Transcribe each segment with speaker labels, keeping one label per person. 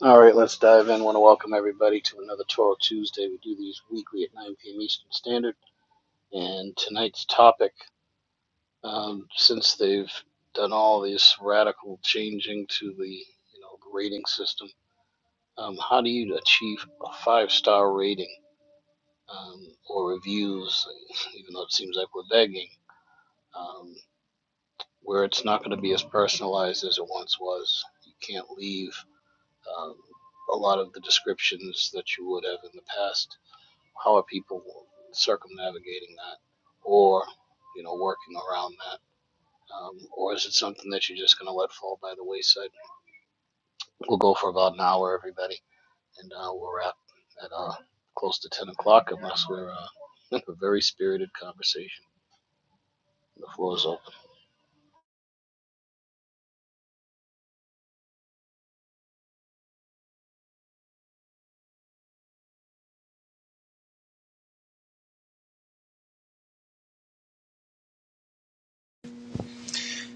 Speaker 1: All right, let's dive in. I want to welcome everybody to another Toro Tuesday. We do these weekly at 9 p.m. Eastern Standard. And tonight's topic, um, since they've done all this radical changing to the you know the rating system, um, how do you achieve a five-star rating um, or reviews? Even though it seems like we're begging, um, where it's not going to be as personalized as it once was. You can't leave um, a lot of the descriptions that you would have in the past How are people circumnavigating that or, you know, working around that? Um, or is it something that you're just going to let fall by the wayside? We'll go for about an hour, everybody, and uh, we'll wrap at uh, close to 10 o'clock unless we're uh, in a very spirited conversation. The floor is open.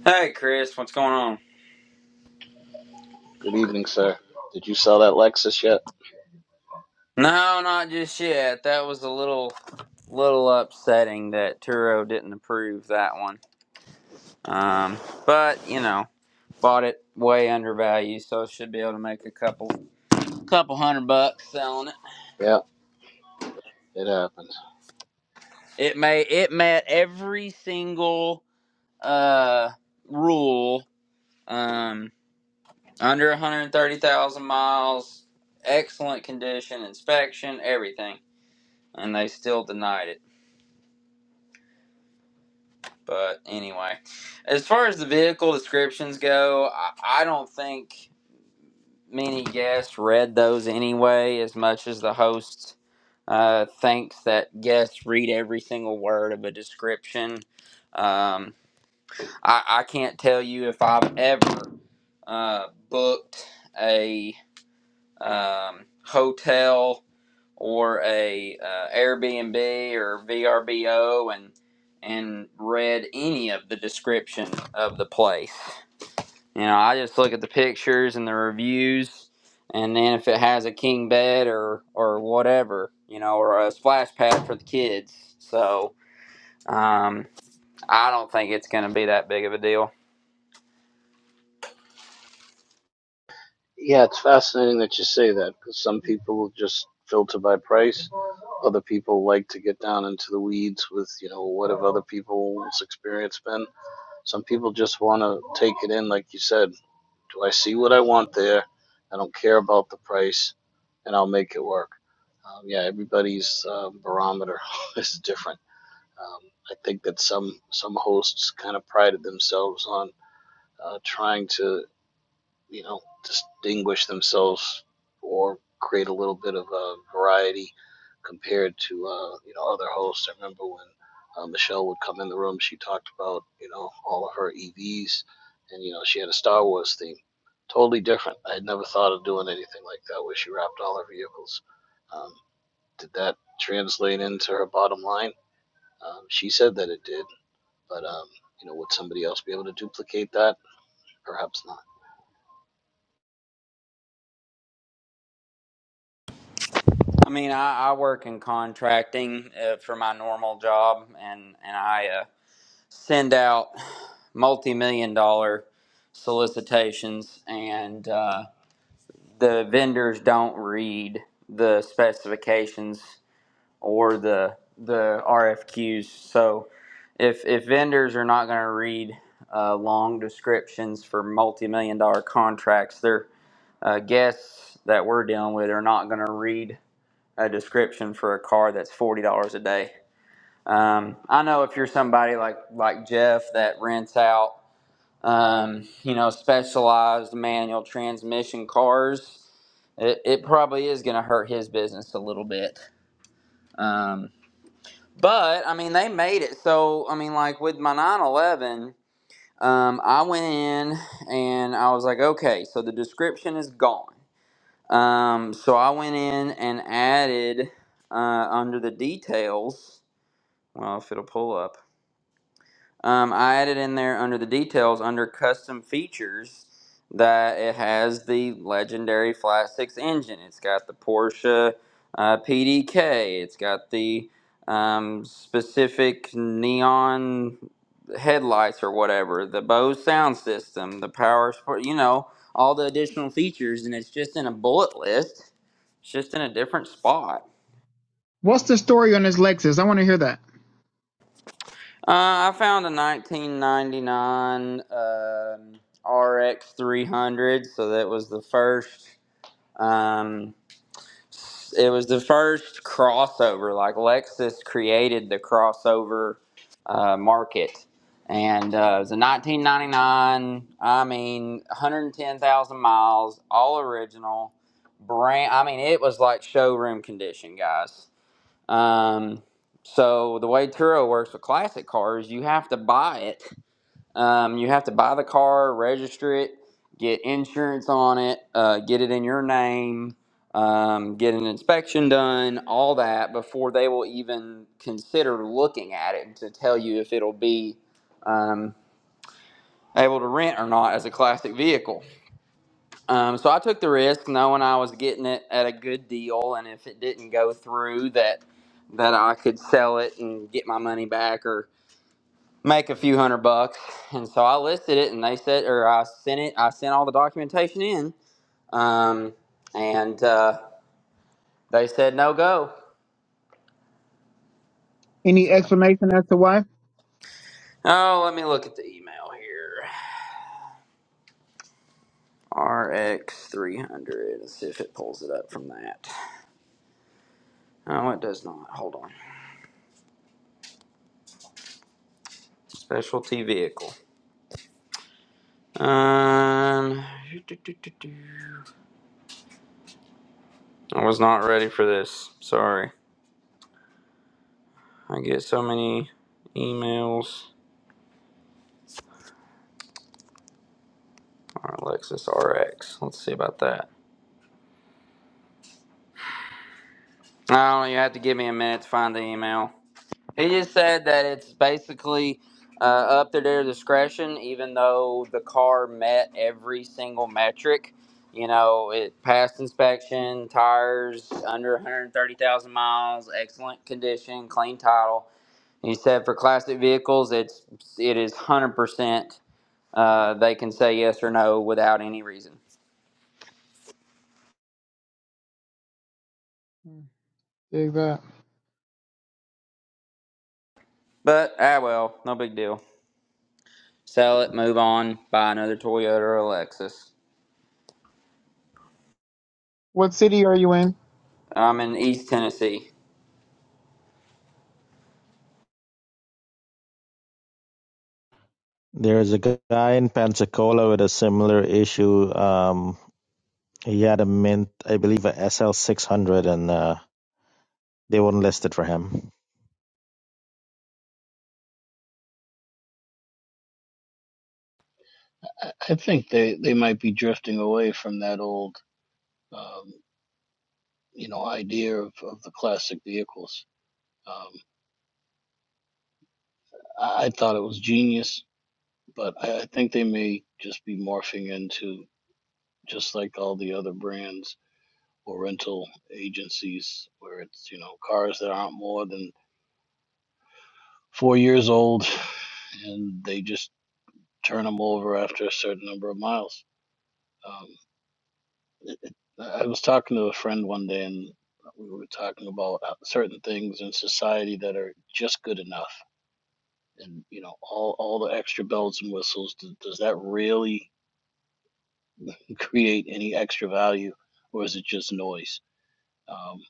Speaker 2: Hey Chris, what's going on?
Speaker 1: Good evening, sir. Did you sell that Lexus yet?
Speaker 2: No, not just yet. That was a little little upsetting that Turo didn't approve that one. Um, but you know, bought it way undervalued, so should be able to make a couple couple hundred bucks selling it.
Speaker 1: Yeah, it happened.
Speaker 2: It may it met every single uh rule. Um under 130,000 miles, excellent condition, inspection, everything, and they still denied it. But anyway, as far as the vehicle descriptions go, I, I don't think many guests read those anyway, as much as the host uh, thinks that guests read every single word of a description. Um, I, I can't tell you if I've ever uh, booked a um, hotel or a uh, Airbnb or VRBO and and read any of the description of the place. You know, I just look at the pictures and the reviews, and then if it has a king bed or or whatever, you know, or a splash pad for the kids. So um, I don't think it's going to be that big of a deal.
Speaker 1: Yeah, it's fascinating that you say that because some people will just filter by price. Other people like to get down into the weeds with, you know, what have other people's experience been. Some people just want to take it in, like you said. Do I see what I want there? I don't care about the price, and I'll make it work. Um, yeah, everybody's uh, barometer is different. Um, I think that some some hosts kind of prided themselves on uh, trying to you know, distinguish themselves or create a little bit of a variety compared to, uh, you know, other hosts. I remember when uh, Michelle would come in the room, she talked about, you know, all of her EVs and, you know, she had a Star Wars theme. Totally different. I had never thought of doing anything like that where she wrapped all her vehicles. Um, did that translate into her bottom line? Um, she said that it did, but, um, you know, would somebody else be able to duplicate that? Perhaps not.
Speaker 2: I mean, I, I work in contracting uh, for my normal job, and and I. Uh, send out multi-million dollar solicitations and uh, the vendors don't read the specifications or the the RFQs so if if vendors are not going to read uh, long descriptions for multi-million dollar contracts their uh, guests that we're dealing with are not going to read a description for a car that's $40 a day um, I know if you're somebody like like Jeff that rents out um, you know, specialized manual transmission cars, it, it probably is going to hurt his business a little bit. Um, but I mean, they made it. So I mean, like with my 911, um, I went in and I was like, okay, so the description is gone. Um, so I went in and added uh, under the details. Well, if it'll pull up. Um, I added in there under the details, under custom features, that it has the legendary flat six engine. It's got the Porsche uh, PDK. It's got the um, specific neon headlights or whatever, the Bose sound system, the power sport, you know, all the additional features. And it's just in a bullet list, it's just in a different spot.
Speaker 3: What's the story on this Lexus? I want to hear that.
Speaker 2: Uh, I found a 1999 um, RX 300, so that was the first. Um, it was the first crossover. Like Lexus created the crossover uh, market, and uh, it was a 1999. I mean, 110,000 miles, all original. Brand. I mean, it was like showroom condition, guys. Um, so the way Turo works with classic cars, you have to buy it. Um, you have to buy the car, register it, get insurance on it, uh, get it in your name, um, get an inspection done, all that before they will even consider looking at it to tell you if it'll be um, able to rent or not as a classic vehicle. Um, so I took the risk, knowing I was getting it at a good deal, and if it didn't go through, that that I could sell it and get my money back or make a few hundred bucks. And so I listed it, and they said, or I sent it, I sent all the documentation in, um, and uh, they said no go.
Speaker 3: Any
Speaker 2: So
Speaker 3: explanation as to why?
Speaker 2: oh, let me look at the email here. RX three hundred. Let's see if it pulls it up from that. No, it does not. Hold on. Specialty vehicle. Um, I was not ready for this. Sorry. I get so many emails. All right, Lexus RX. Let's see about that. Oh, you have to give me a minute to find the email. He just said that it's basically uh, up to their discretion, even though the car met every single metric. You know, it passed inspection, tires under 130,000 miles, excellent condition, clean title He said for classic vehicles, it's it is one hundred percent. Uh, they can say yes or no without any reason.
Speaker 3: Dig that.
Speaker 2: But ah well, no big deal. Sell it, move on, buy another Toyota or a Lexus.
Speaker 3: What city are you in?
Speaker 2: I'm in East Tennessee.
Speaker 4: There's a gu- guy in Pensacola with a similar issue. Um, he had a mint, I believe, a SL six hundred, and uh, they wouldn't list it for him.
Speaker 1: I I think they, they might be drifting away from that old, um, you know, idea of, of the classic vehicles. Um, I, I thought it was genius, but I, I think they may just be morphing into just like all the other brands or rental agencies where it's, you know, cars that aren't more than four years old and they just turn them over after a certain number of miles. Um, I was talking to a friend one day, and we were talking about uh, certain things in society that are just good enough, and you know, all all the extra bells and whistles. Does, does that really create any extra value, or is it just noise? Um,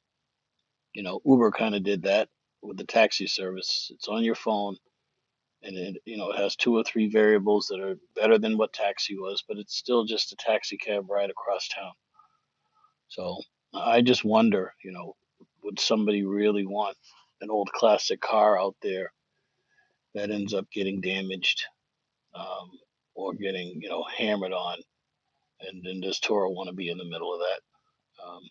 Speaker 1: you know, Uber kind of did that with the taxi service. It's on your phone, and it you know it has two or three variables that are better than what taxi was, but it's still just a taxi cab ride across town So I just wonder, you know, would somebody really want an old classic car out there that ends up getting damaged um, or getting, you know, hammered on? And then does Toro want to be in the middle of that? Um,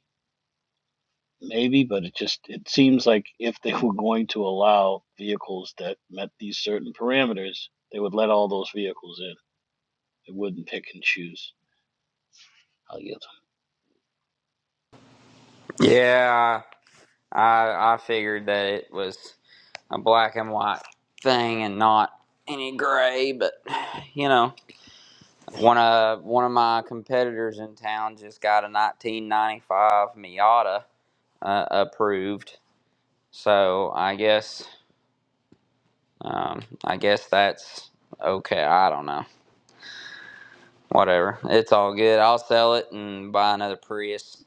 Speaker 1: maybe, but it just it seems like if they were going to allow vehicles that met these certain parameters, they would let all those vehicles in. They wouldn't pick and choose. I'll yield.
Speaker 2: Yeah, I I figured that it was a black and white thing and not any gray, but you know, one of one of my competitors in town just got a 1995 Miata uh, approved So I guess um, I guess that's okay. I don't know. Whatever. It's all good. I'll sell it and buy another Prius.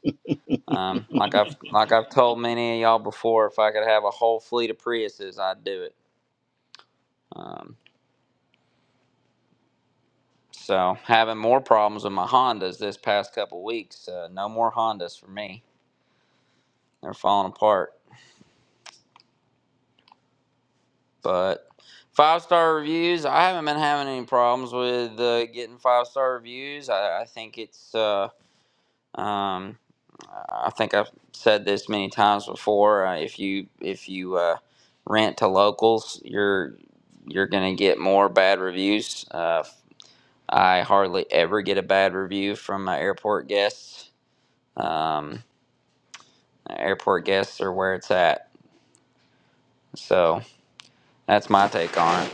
Speaker 2: Um, like I've like I've told many of y'all before, if I could have a whole fleet of Priuses, I'd do it. Um, so having more problems with my Hondas this past couple weeks. Uh, no more Hondas for me. They're falling apart. But five star reviews, I haven't been having any problems with uh, getting five star reviews. I, I think it's uh, Um, I think I've said this many times before. Uh, if you if you uh, rent to locals, you're you're gonna get more bad reviews. Uh, I hardly ever get a bad review from my airport guests. Um, airport guests are where it's at. So that's my take on it.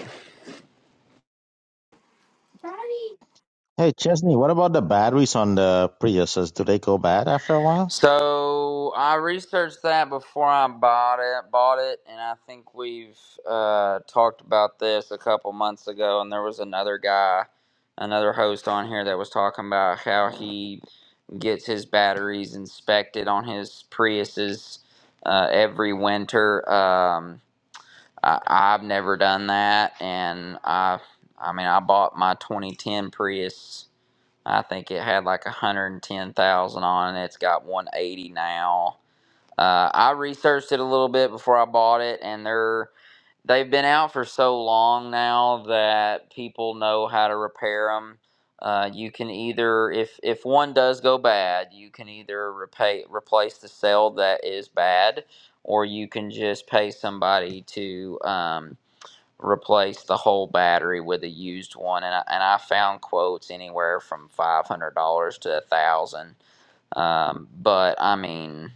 Speaker 4: Hey Chesney, what about the batteries on the Priuses? Do they go bad after a while?
Speaker 2: So I researched that before I bought it, bought it, and I think we've uh, talked about this a couple months ago. And there was another guy, another host on here that was talking about how he gets his batteries inspected on his Priuses uh, every winter. Um, I, I've never done that, and I, I mean, I bought my 2010 Prius I think it had like 110,000 on it. It's got 180 now. Uh, I researched it a little bit before I bought it, and they're they've been out for so long now that people know how to repair them. Uh, you can either, if if one does go bad, you can either repay replace the cell that is bad, or you can just pay somebody to. Um, replace the whole battery with a used one, and I, and I found quotes anywhere from five hundred dollars to a thousand. Um, but I mean,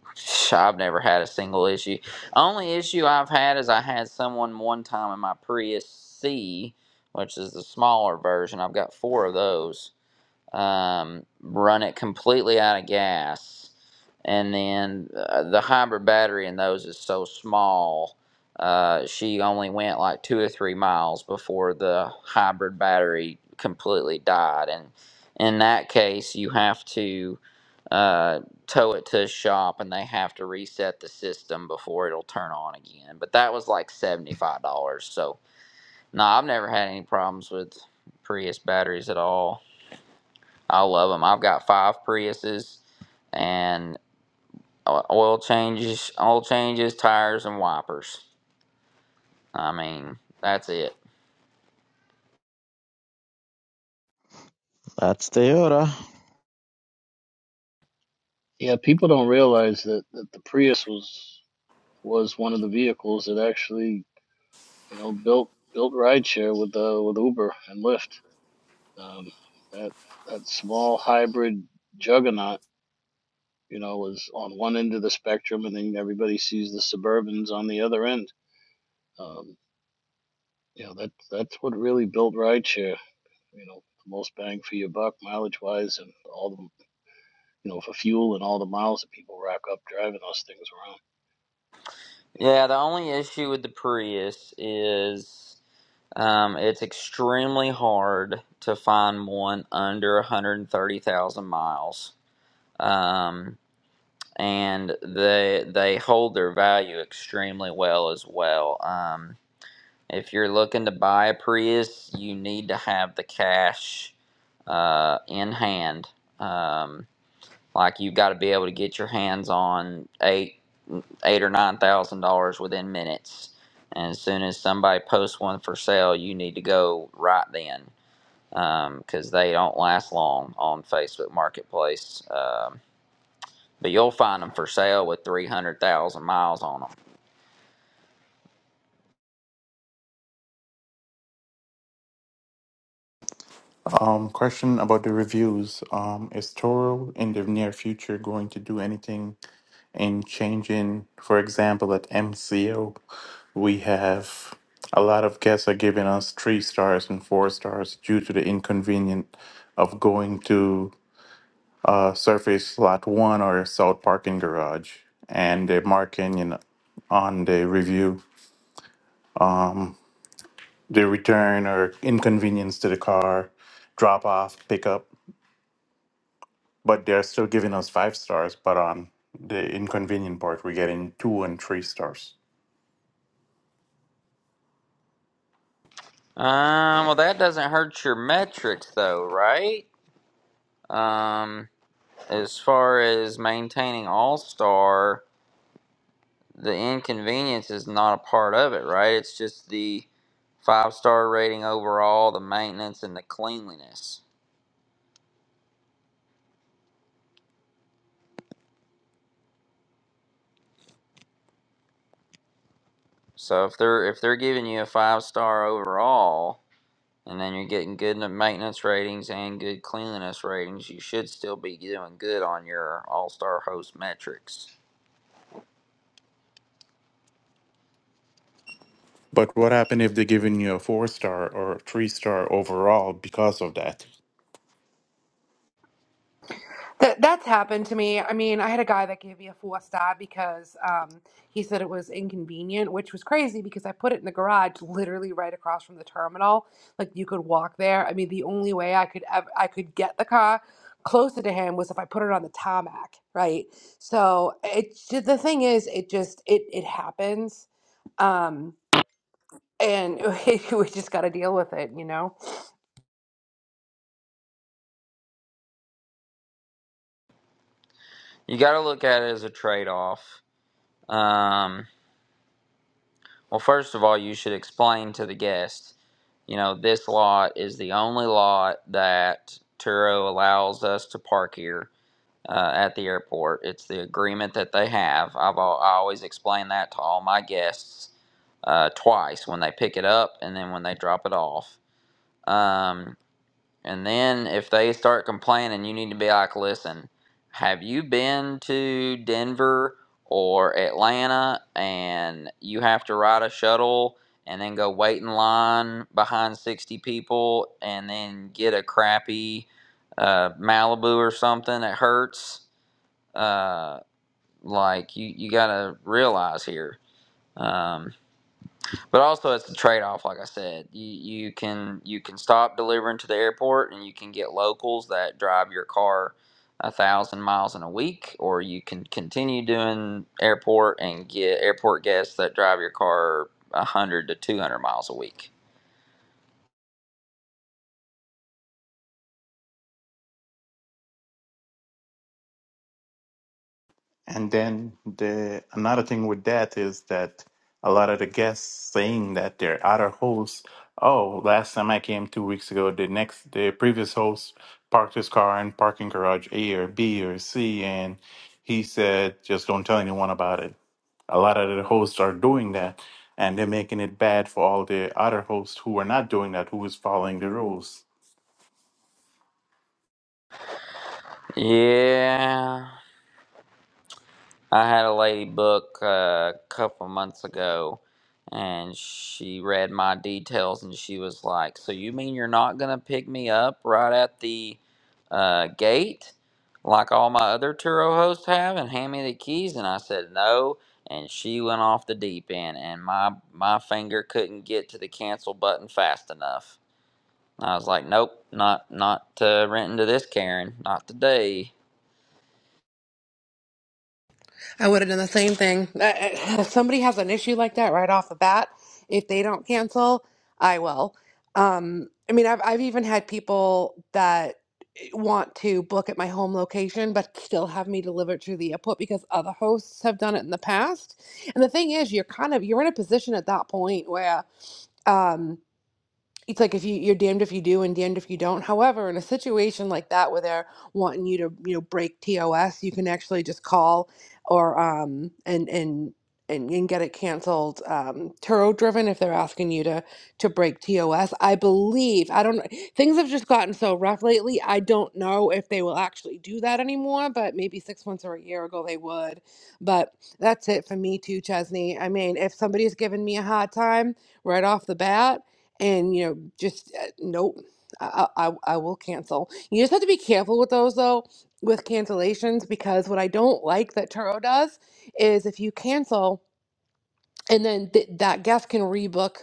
Speaker 2: I've never had a single issue. Only issue I've had is I had someone one time in my Prius C, which is the smaller version. I've got four of those um, run it completely out of gas, and then uh, the hybrid battery in those is so small. Uh, she only went like two or three miles before the hybrid battery completely died, and in that case, you have to uh, tow it to a shop, and they have to reset the system before it'll turn on again. But that was like seventy five dollars. So no, I've never had any problems with Prius batteries at all. I love them. I've got five Priuses and uh, oil changes, oil changes, tires, and wipers. I mean, that's it.
Speaker 4: That's Toyota.
Speaker 1: Yeah, people don't realize that, that the Prius was. was one of the vehicles that actually, you know, built built rideshare with uh, with Uber and Lyft. Um, that that small hybrid juggernaut, you know, was on one end of the spectrum, and then everybody sees the Suburbans on the other end. Um, you know, that that's what really built rideshare. You know, the most bang for your buck, mileage wise, and all the you know for fuel and all the miles that people rack up driving those things around. You know,
Speaker 2: Yeah, the only issue with the Prius is um, it's extremely hard to find one under 130,000 miles. Um, and they they hold their value extremely well as well. Um, If you're looking to buy a Prius, you need to have the cash uh, in hand. Um, like you've got to be able to get your hands on eight, eight or nine thousand dollars within minutes. And as soon as somebody posts one for sale, you need to go right then because they don't last long on Facebook Marketplace. Um, but you'll find them for sale with three hundred thousand miles on them.
Speaker 5: Um, question about the reviews. Um, is Toro in the near future going to do anything in changing? For example, at MCO, we have a lot of guests are giving us three stars and four stars due to the inconvenience of going to uh, Surface Lot One or South Parking Garage, and they're marking you know, on the review the return or inconvenience to the car, drop off, pickup. but they're still giving us five stars. But on the inconvenient part, we're getting two and three stars.
Speaker 2: Um, well, that doesn't hurt your metrics though, right? Um, as far as maintaining All Star, the inconvenience is not a part of it, right? It's just the five star rating overall, the maintenance, and the cleanliness. So if they're if they're giving you a five star overall, and then you're getting good n- maintenance ratings and good cleanliness ratings, you should still be doing good on your All Star host metrics.
Speaker 5: But what happened if they're giving you a four star or three star overall because of that?
Speaker 6: That that's happened to me. I mean, I had a guy that gave me a four star because um, he said it was inconvenient, which was crazy because I put it in the garage, literally right across from the terminal. Like you could walk there. I mean, the only way I could ever I could get the car closer to him was if I put it on the tarmac, right? So it's ju- the thing is, it just it it happens, um, and we just got to deal with it, you know.
Speaker 2: You got to look at it as a trade off. Um, well, first of all, you should explain to the guest you know, this lot is the only lot that Turo allows us to park here uh, at the airport. It's the agreement that they have. I've I always explain that to all my guests uh, twice when they pick it up and then when they drop it off. Um, and then if they start complaining, you need to be like, listen, have you been to Denver or Atlanta and you have to ride a shuttle and then go wait in line behind 60 people and then get a crappy uh, Malibu or something that hurts? Uh, like, you, you got to realize here. Um, but also, it's a trade off. Like I said, you you can you can stop delivering to the airport, and you can get locals that drive your car a thousand miles in a week, or you can continue doing airport and get airport guests that drive your car a hundred to two hundred miles a week.
Speaker 5: And then the another thing with that is that a lot of the guests saying that their other hosts, oh, last time I came two weeks ago, the next the previous host parked his car in parking garage A or B or C, and he said just don't tell anyone about it. A lot of the hosts are doing that, and they're making it bad for all the other hosts who are not doing that, who is following the rules.
Speaker 2: Yeah, I had a lady book uh, a couple months ago, and she read my details, and she was like, "So you mean you're not gonna pick me up right at the uh, gate, like all my other Turo hosts have, and hand me the keys?" And I said, "No." And she went off the deep end, and my my finger couldn't get to the cancel button fast enough. I was like, "Nope, not not uh, renting to this Karen, not today."
Speaker 6: I would have done the same thing. I- I- If somebody has an issue like that right off the bat, if they don't cancel, I will. Um, I mean, I've I've even had people that want to book at my home location, but still have me deliver it to the airport because other hosts have done it in the past. And the thing is, you're kind of you're in a position at that point where. um, it's like if you you're damned if you do and damned if you don't. However, in a situation like that where they're wanting you to you know break TOS, you can actually just call or um and and and, and get it canceled um Turo driven if they're asking you to to break TOS. I believe I don't things have just gotten so rough lately. I don't know if they will actually do that anymore, but maybe six months or a year ago they would. But that's it for me too, Chesney. I mean, if somebody's giving me a hard time right off the bat and you know just uh, nope I, I i I will cancel you just have to be careful with those though with cancellations because what i don't like that turo does is if you cancel and then th- that guest can rebook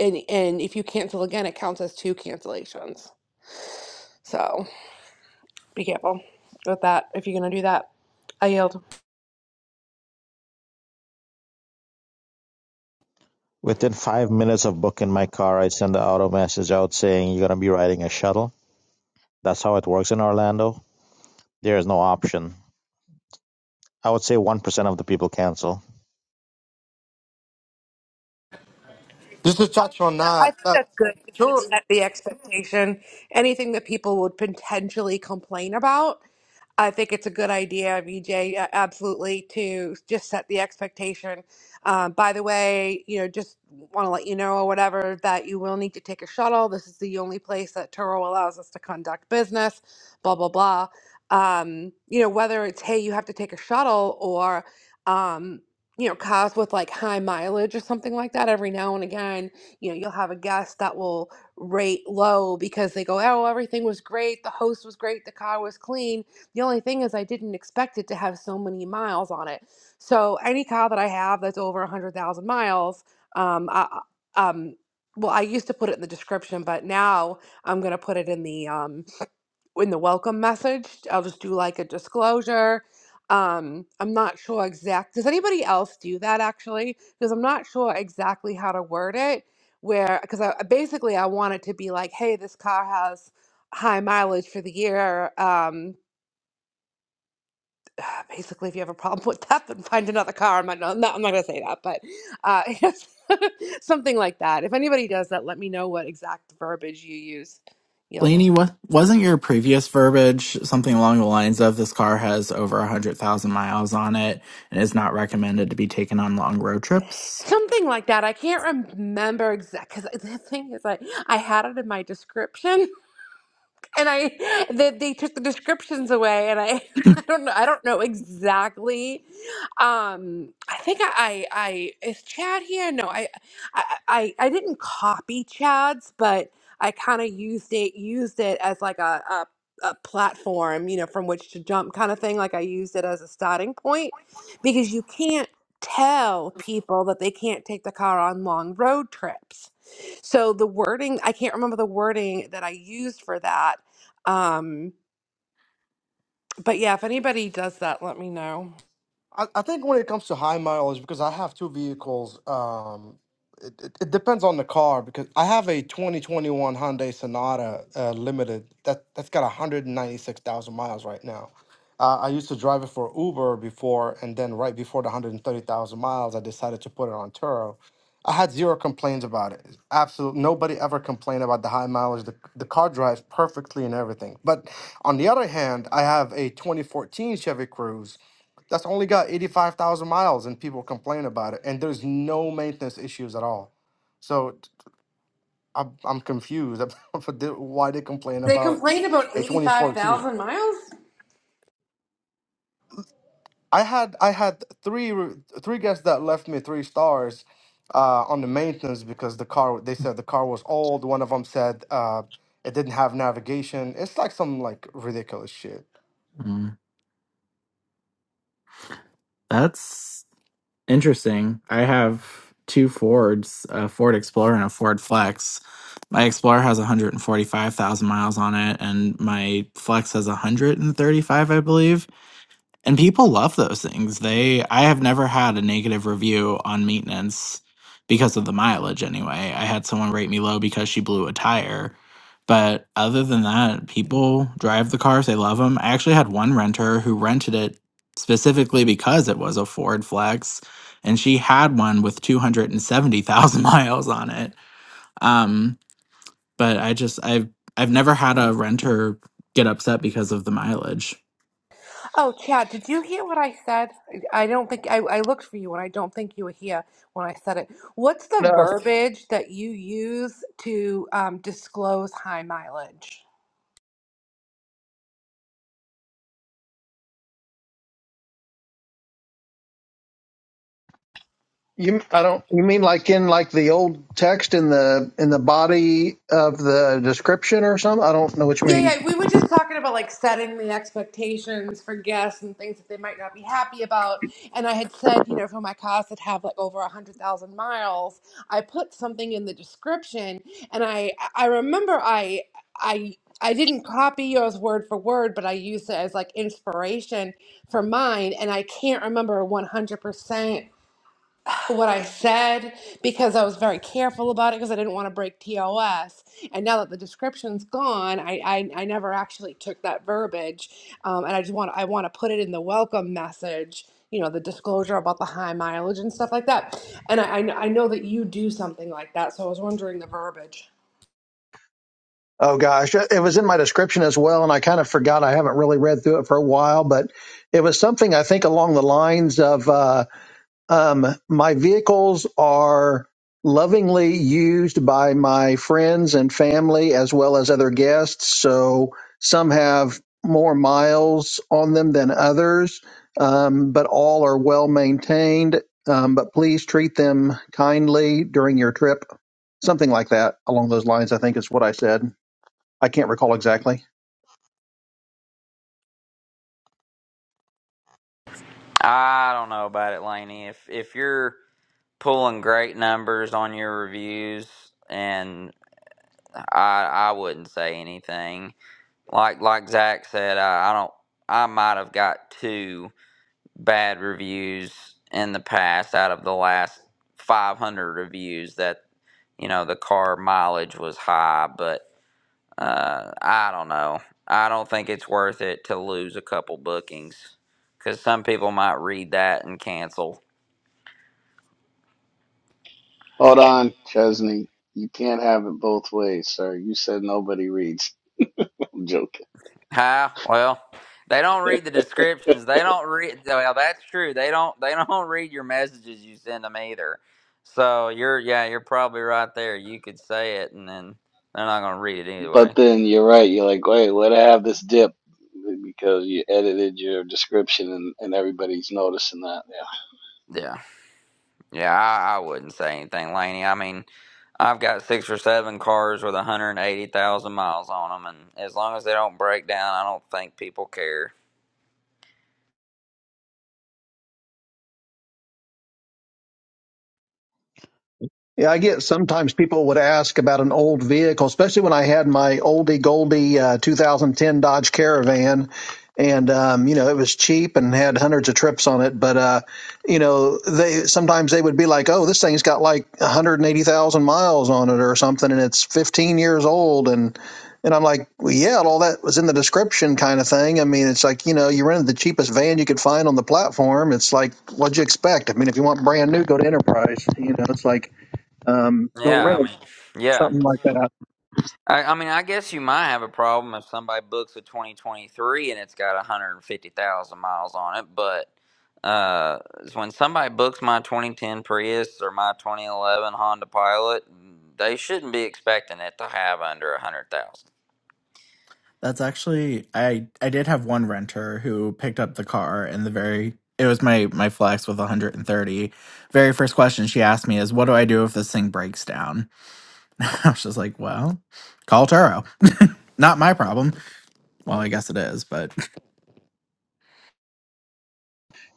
Speaker 6: and and if you cancel again it counts as two cancellations so be careful with that if you're gonna do that i yield
Speaker 4: Within five minutes of booking my car, I send the auto message out saying you're gonna be riding a shuttle. That's how it works in Orlando. There is no option. I would say one percent of the people cancel.
Speaker 7: Just to touch on that,
Speaker 6: I think
Speaker 7: that
Speaker 6: that's good just to
Speaker 7: sure,
Speaker 6: set the expectation. Anything that people would potentially complain about, I think it's a good idea, VJ, uh, absolutely, to just set the expectation. Um, by the way, you know, just want to let you know or whatever that you will need to take a shuttle. This is the only place that Turo allows us to conduct business, blah, blah, blah. Um, you know, whether it's, hey, you have to take a shuttle or, um, you know, cars with like high mileage or something like that every now and again you know you'll have a guest that will rate low because they go oh everything was great the host was great the car was clean the only thing is i didn't expect it to have so many miles on it so any car that i have that's over 100000 miles um, I, um, well i used to put it in the description but now i'm going to put it in the um, in the welcome message. I'll just do like a disclosure. Um, I'm not sure exact. Does anybody else do that actually? Because I'm not sure exactly how to word it. Where because I I- basically I want it to be like, hey, this car has high mileage for the year. Um, basically, if you have a problem with that, then find another car. I'm not. no, I'm not, I'm not gonna say that, but uh, something like that. If anybody does that, let me know what exact verbiage you use. Yield.
Speaker 8: Lainey, what wasn't your previous verbiage something along the lines of this car has over a hundred thousand miles on it and is not recommended to be taken on long road trips?
Speaker 6: Something like that. I can't remember exact because the thing is, I I had it in my description, and I they, they took the descriptions away and I I don't know I don't know exactly um I think I I, I is Chad here no I I I, I didn't copy Chad's but I kind of used it used it as like a, a a platform you know from which to jump kind of thing like I used it as a starting point because you can't tell people that they can't take the car on long road trips so the wording, I can't remember the wording that I used for that, um, but yeah, if anybody does that, let me know.
Speaker 7: I, I think when it comes to high mileage, because I have two vehicles, um, it, it, it depends on the car. Because I have a 2021 Hyundai Sonata uh, Limited that that's got 196,000 miles right now. Uh, I used to drive it for Uber before, and then right before the 130,000 miles, I decided to put it on Turo. I had zero complaints about it. Absolutely nobody ever complained about the high mileage. The, the car drives perfectly and everything. But on the other hand, I have a 2014 Chevy Cruze that's only got 85,000 miles and people complain about it. And there's no maintenance issues at all. So t- I'm, I'm confused about for the- why they complain
Speaker 6: They
Speaker 7: about
Speaker 6: complained about
Speaker 7: a 2014.
Speaker 6: 85,000 miles?
Speaker 7: I had I had three re- three guests that left me three stars uh, on the maintenance because the car they said the car was old. One of them said uh, it didn't have navigation. It's like some like ridiculous shit.
Speaker 8: Mm, that's interesting. I have two Fords, a Ford Explorer and a Ford Flex. My Explorer has 145,000 miles on it, and my Flex has 135, I believe And people love those things. They I have never had a negative review on maintenance because of the mileage anyway. I had someone rate me low because she blew a tire. But other than that, people drive the cars, they love them. I actually had one renter who rented it specifically because it was a Ford Flex and she had one with 270,000 miles on it. Um but I just I've I've never had a renter get upset because of the mileage.
Speaker 6: Oh, Chad, did you hear what I said? I I don't think I, I looked for you and I don't think you were here when I said it. What's the
Speaker 9: No,
Speaker 6: verbiage that you use to um, disclose high mileage?
Speaker 9: you. I don't. You mean like in like the old text in the in the body of the description or something? I don't know what you
Speaker 6: Yeah,
Speaker 9: mean.
Speaker 6: yeah. We were just talking about like setting the expectations for guests and things that they might not be happy about. And I had said, you know, for my cars that have like over a hundred thousand miles, I put something in the description, and I I remember I I. I didn't copy yours word for word, but I used it as like inspiration for mine, and I can't remember 100% what I said because I was very careful about it because I didn't want to break TOS. And now that the description's gone, I I, I never actually took that verbiage, um, and I just want I want to put it in the welcome message. You know, the disclosure about the high mileage and stuff like that. And I I, kn- I know that you do something like that, so I was wondering the verbiage.
Speaker 9: Oh gosh, it was in my description as well, and I kind of forgot. I haven't really read through it for a while, but it was something I think along the lines of. Uh, Um, my vehicles are lovingly used by my friends and family as well as other guests. So some have more miles on them than others, um, but all are well maintained. Um, but please treat them kindly during your trip. Something like that along those lines, I think is what I said. I can't recall exactly.
Speaker 2: I don't know about it, Laney. If if you're pulling great numbers on your reviews and I I wouldn't say anything. Like like Zach said, I, I don't I might have got two bad reviews in the past out of the last 500 reviews that you know the car mileage was high, but uh, I don't know. I don't think it's worth it to lose a couple bookings because some people might read that and cancel.
Speaker 1: Hold on, Chesney. You can't have it both ways, sir. You said nobody reads. I'm joking.
Speaker 2: Hi. Well, they don't read the descriptions. They don't read. Well, that's true. They don't. They don't read your messages you send them either. So you're yeah, you're probably right there. You could say it, and then they're not gonna read it
Speaker 1: But
Speaker 2: anyway.
Speaker 1: then you're right. You're like, wait, let I have this dip because you edited your description and, and everybody's noticing that. Yeah.
Speaker 2: Yeah. Yeah. I, I wouldn't say anything, Laney. I mean, I've got six or seven cars with 180,000 miles on them, and as long as they don't break down, I don't think people care.
Speaker 9: Yeah, I get sometimes people would ask about an old vehicle, especially when I had my oldie goldie uh, 2010 Dodge Caravan. And, um, you know, it was cheap and had hundreds of trips on it. But, uh, you know, they sometimes they would be like, oh, this thing's got like 180,000 miles on it or something, and it's 15 years old. And, and I'm like, well, yeah, all that was in the description kind of thing. I mean, it's like, you know, you rented the cheapest van you could find on the platform. It's like, what'd you expect? I mean, if you want brand new, go to Enterprise. You know, it's like, um, don't
Speaker 2: Yeah.
Speaker 9: rent
Speaker 2: I
Speaker 9: it,
Speaker 2: mean, yeah.
Speaker 9: something like that.
Speaker 2: I, I mean, I guess you might have a problem if somebody books a 2023 and it's got 150,000 miles on it, but uh, when somebody books my 2010 Prius or my 2011 Honda Pilot, they shouldn't be expecting it to have under 100,000.
Speaker 8: That's actually I I did have one renter who picked up the car and the very it was my my flex with 130. Very first question she asked me is what do I do if this thing breaks down? I was just like, well, call Turo. Not my problem. Well, I guess it is, but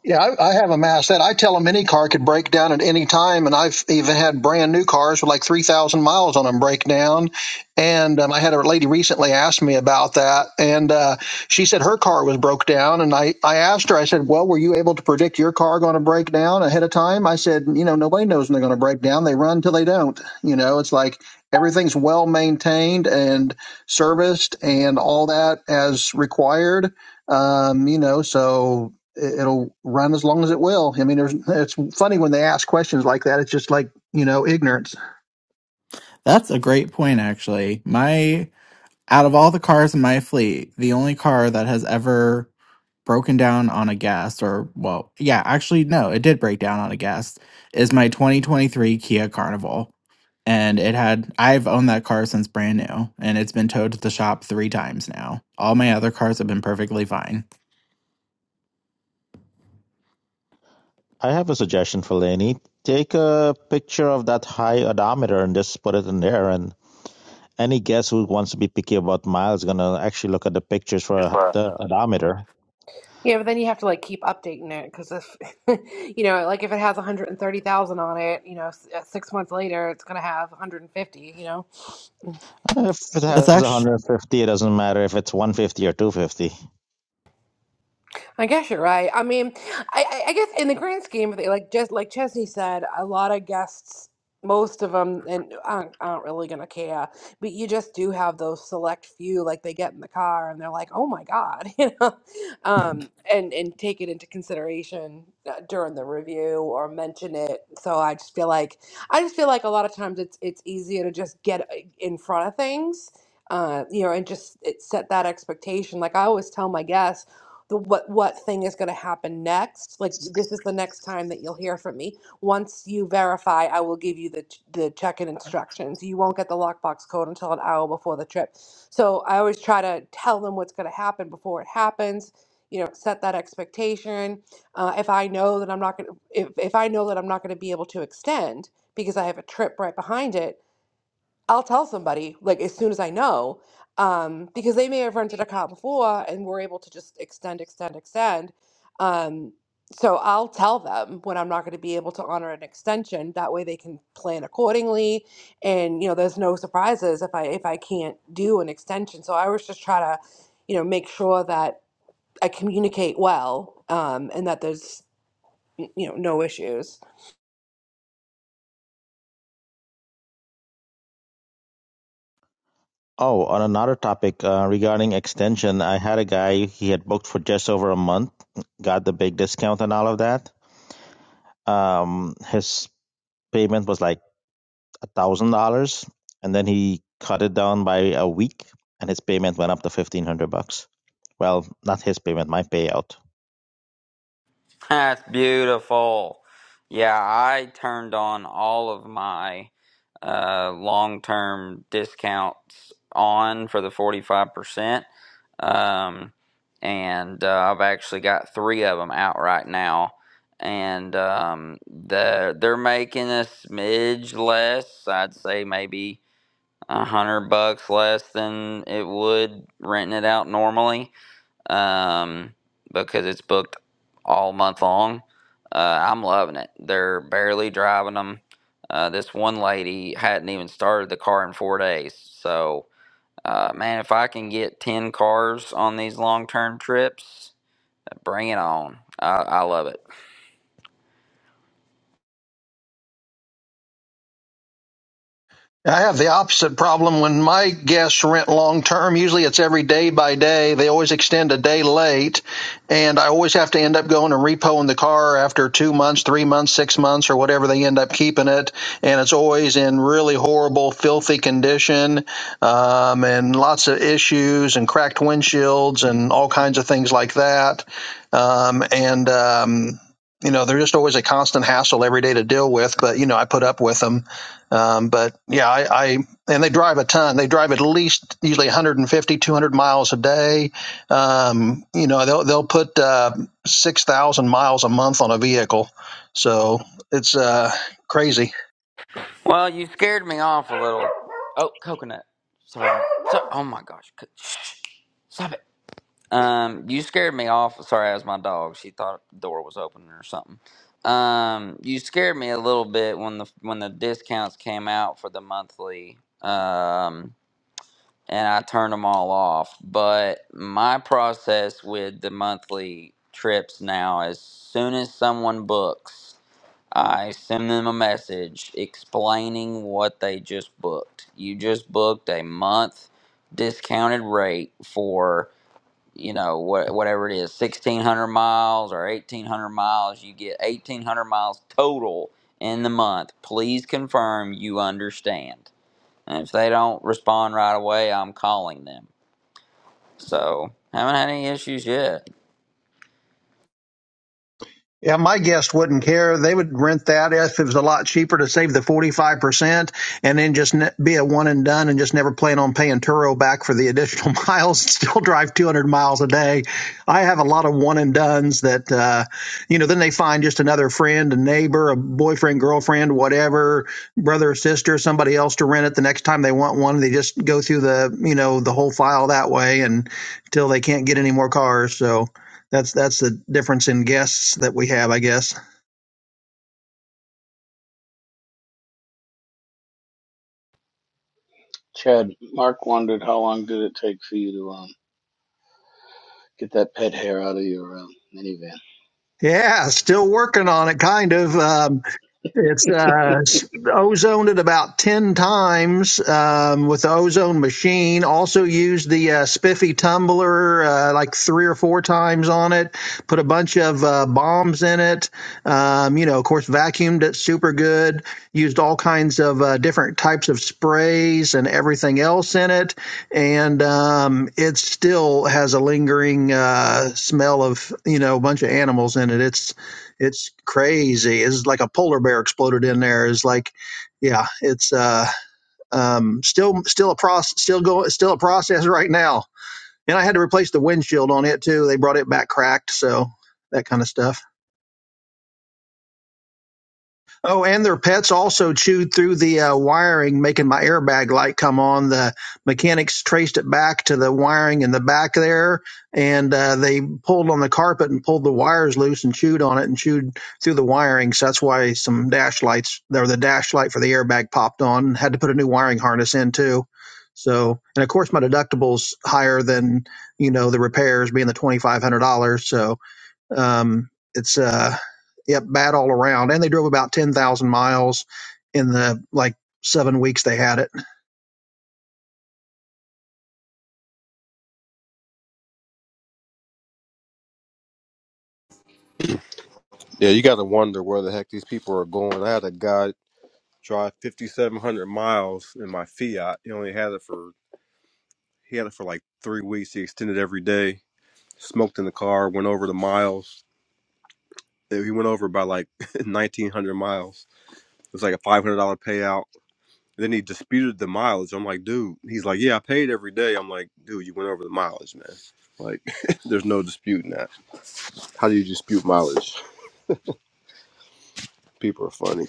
Speaker 9: Yeah, I, I have a mass that I tell them any car could break down at any time, and I've even had brand new cars with like three thousand miles on them break down. And um, I had a lady recently ask me about that, and uh, she said her car was broke down. And I, I asked her, I said, "Well, were you able to predict your car going to break down ahead of time?" I said, "You know, nobody knows when they're going to break down. They run till they don't. You know, it's like everything's well maintained and serviced and all that as required." Um, you know, so it- will run as long as it will. I mean, there's, it's funny when they ask questions like that. It's just like, you know, ignorance.
Speaker 8: that's a great point actually. My out of all the cars in my fleet, the only car that has ever broken down on a gas or well yeah actually no it did break down on a gas is my 2023 kia carnival and it had i've owned that car since brand new and it's been towed to the shop three times now all my other cars have been perfectly fine
Speaker 4: I have a suggestion for Laney. Take a picture of that high odometer and just put it in there. And any guest who wants to be picky about miles is going to actually look at the pictures
Speaker 8: Just,
Speaker 4: for
Speaker 8: uh,
Speaker 4: the odometer.
Speaker 6: Yeah, but then you have to like keep updating it because if you know, like if it has 130,000 on it, you know, s- uh, six months later it's gonna have 150. You know.
Speaker 4: Uh, If it
Speaker 8: that's
Speaker 4: has
Speaker 8: actually
Speaker 4: 150, it doesn't matter if it's 150 or 250.
Speaker 6: I guess you're right. I mean, I, I I guess in the grand scheme of things, like just like Chesney said, a lot of guests, most of them, and aren't, aren't really gonna care. But you just do have those select few, like they get in the car and they're like, "Oh my God," you know, um, and and take it into consideration uh, during the review or mention it. So I just feel like I just feel like a lot of times it's it's easier to just get uh, in front of things. Uh, you know, and just it set that expectation. Like I always tell my guests, the what what thing is going to happen next like this is the next time that you'll hear from me once you verify i will give you the ch- the check-in instructions you won't get the lockbox code until an hour before the trip so i always try to tell them what's going to happen before it happens you know set that expectation uh, if i know that i'm not going to if, if i know that i'm not going to be able to extend because i have a trip right behind it I'll tell somebody like as soon as I know, um, because they may have rented a car before and were able to just extend, extend, extend. Um, so I'll tell them when I'm not going to be able to honor an extension. That way they can plan accordingly, and you know, there's no surprises if I if I can't do an extension. So I was just try to, you know, make sure that I communicate well, um, and that there's you know no issues.
Speaker 4: Oh, on another topic uh, regarding extension, I had a guy, he had booked for just over a month, got the big discount and all of that. Um, his payment was like thousand dollars, and then he cut it down by a week, and his payment went up to fifteen hundred bucks. Well, not his payment, my payout.
Speaker 2: That's beautiful. Yeah, I turned on all of my uh, long term discounts on for the 45%. Um, and uh, I've actually got three of them out right now. And um, the, they're making a smidge less. I'd say maybe a hundred bucks less than it would renting it out normally um, because it's booked all month long. Uh, I'm loving it. They're barely driving them. Uh, this one lady hadn't even started the car in four days. So, uh, man, if I can get 10 cars on these long term trips, bring it on. I, I love it.
Speaker 9: I have the opposite problem when my guests rent long term. Usually it's every day by day. They always extend a day late and I always have to end up going and repoing the car after two months, three months, six months or whatever they end up keeping it. And it's always in really horrible, filthy condition, um, and lots of issues and cracked windshields and all kinds of things like that. Um, and, um, you know, they're just always a constant hassle every day to deal with, but you know, I put up with them um, but yeah, I, I, and they drive a ton. They drive at least usually 150, 200 miles a day. Um, you know, they'll, they'll put, uh, 6,000 miles a month on a vehicle. So it's, uh, crazy.
Speaker 2: Well, you scared me off a little. Oh, coconut. Sorry. So, oh my gosh. Co- Shh. Stop it. Um, you scared me off. Sorry, that was my dog. She thought the door was open or something. Um, you scared me a little bit when the when the discounts came out for the monthly. Um, and I turned them all off. But my process with the monthly trips now, as soon as someone books, I send them a message explaining what they just booked. You just booked a month discounted rate for you know what whatever it is 1600 miles or 1800 miles you get 1800 miles total in the month please confirm you understand and if they don't respond right away i'm calling them so haven't had any issues yet
Speaker 9: Yeah, my guest wouldn't care. They would rent that if it was a lot cheaper to save the 45% and then just ne- be a one and done and just never plan on paying Turo back for the additional miles and still drive 200 miles a day. I have a lot of one and dones that, uh, you know, then they find just another friend, a neighbor, a boyfriend, girlfriend, whatever, brother or sister, somebody else to rent it the next time they want one. They just go through the, you know, the whole file that way and until they can't get any more cars. So, that's that's the difference in guests that we have, I guess.
Speaker 1: Chad, Mark wondered how long did it take for you to um, get that pet hair out of your um, minivan.
Speaker 9: Yeah, still working on it, kind of. Um, It's uh, s- ozoned at about 10 times um, with the ozone machine. Also used the uh, spiffy tumbler uh, like three or four times on it. Put a bunch of uh, bombs in it. Um, you know, of course, vacuumed it super good. Used all kinds of uh, different types of sprays and everything else in it. And um, it still has a lingering uh, smell of, you know, a bunch of animals in it. It's it's crazy. It's like a polar bear exploded in there. It's like, yeah, it's uh, um, still still a process, still going, still a process right now. And I had to replace the windshield on it too. They brought it back cracked, so that kind of stuff. Oh, and their pets also chewed through the uh, wiring, making my airbag light come on. The mechanics traced it back to the wiring in the back there, and uh, they pulled on the carpet and pulled the wires loose and chewed on it and chewed through the wiring. So that's why some dash lights, there the dash light for the airbag popped on. Had to put a new wiring harness in too. So, and of course, my deductible's higher than you know the repairs being the twenty five hundred dollars. So um, it's uh, yep, bad all around. And they drove about ten thousand miles in the like seven weeks they had it.
Speaker 10: Yeah, you got to wonder where the heck these people are going. I had a guy drive 5,700 miles in my Fiat. He only had it for he had it for like three weeks. He extended every day. Smoked in the car. Went over the miles. He went over by like 1,900 miles. It was like a $500 payout. Then he disputed the mileage. I'm like, dude. He's like, yeah, I paid every day. I'm like, dude, you went over the mileage, man. Like, there's no disputing that. How do you dispute mileage? People are funny.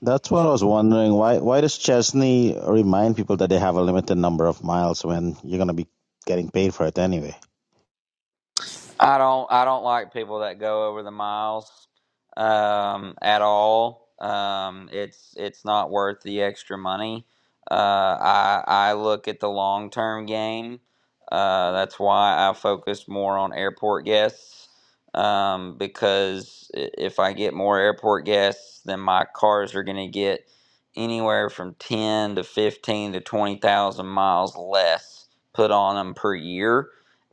Speaker 4: That's what I was wondering. Why why does Chesney remind people that they have a limited number of miles when you're gonna be getting paid for it anyway?
Speaker 2: I don't I don't like people that go over the miles um, at all. Um, it's it's not worth the extra money. Uh, I I look at the long term game. Uh, that's why I focus more on airport guests um, because i- if I get more airport guests, then my cars are going to get anywhere from ten to fifteen to twenty thousand miles less put on them per year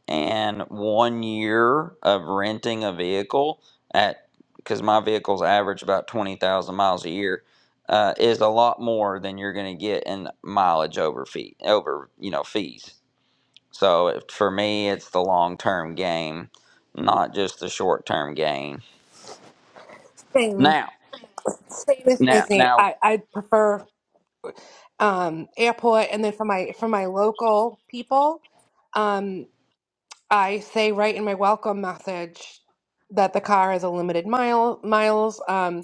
Speaker 2: and one year of renting a vehicle at because my vehicles average about 20,000 miles a year uh, is a lot more than you're going to get in mileage over fee over you know fees so it- for me it's the long term game not just the short term gain
Speaker 6: Same
Speaker 2: now
Speaker 6: same as
Speaker 2: now
Speaker 6: Disney.
Speaker 2: now
Speaker 6: I I prefer. um, airport, and then for my for my local people, um, I say right in my welcome message that the car is a limited mile miles. Um,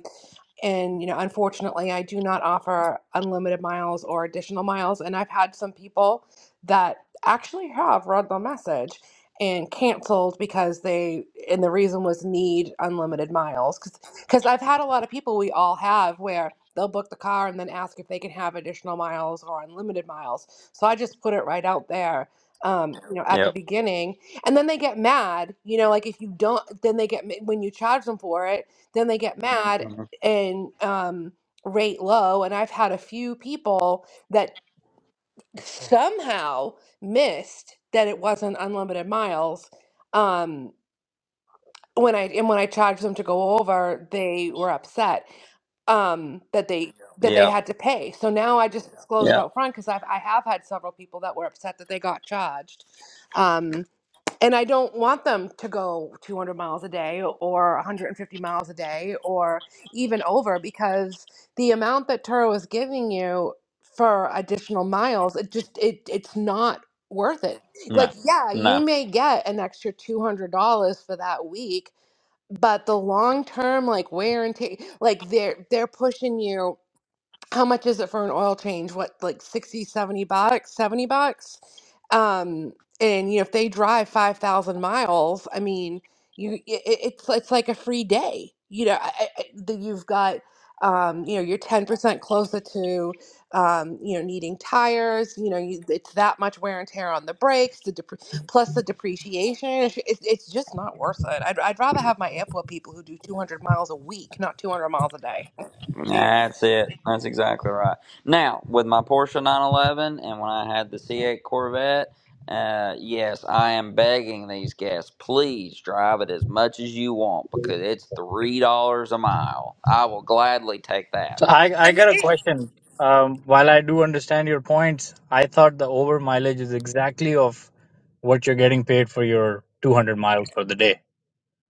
Speaker 6: and, you know, unfortunately, I do not offer unlimited miles or additional miles. And I've had some people that actually have read the message and canceled because they, and the reason was need unlimited miles. Because because I've had a lot of people, we all have, where they'll book the car and then ask if they can have additional miles or unlimited miles. So I just put it right out there. Um, you know, at the
Speaker 2: yep
Speaker 6: beginning, and then they get mad. You know, like if you don't, then they get ma- when you charge them for it, then they get Mhm. mad
Speaker 2: Mhm.
Speaker 6: and um, rate low. And I've had a few people that somehow missed that it wasn't unlimited miles. Um, when I and when I charged them to go over, they were upset um, that they Yeah. that they
Speaker 2: yep
Speaker 6: had to pay. So now I just Yeah. disclose it
Speaker 2: yep
Speaker 6: out front because I've I have had several people that were upset that they got charged. Um, and I don't want them to go 200 miles a day or 150 miles a day or even over because the amount that Turo is giving you for additional miles, it just it it's not worth it.
Speaker 2: no
Speaker 6: Like yeah,
Speaker 2: no
Speaker 6: you may get an extra $200 for that week, but the long term like wear and tear, like they're they're pushing you how much is it for an oil change? What, like 60, 70 bucks, 70 bucks? Um, and you know, if they drive 5,000 miles, I mean, you, it, it's, it's like a free day, you know, I, I, I- that you've got, um, you know, you're 10% closer to, um, you know, needing tires, you know, you, it's that much wear and tear on the brakes, the depre- plus the depreciation. It's, it's it's just not worth it. I'd, I'd rather have my airport people who do 200 miles a week, not 200 miles a day. I
Speaker 2: That's it. That's exactly right. Now, with my Porsche 911 and when I had the C8 Corvette, uh, yes, I am begging these guests, please drive it as much as you want because it's $3 a mile. I will gladly take
Speaker 11: So
Speaker 2: that.
Speaker 11: I, I got a
Speaker 6: am.
Speaker 11: question. Um, while I do understand your points, I thought the over mileage is exactly of what you're getting paid for your 200 miles for the day.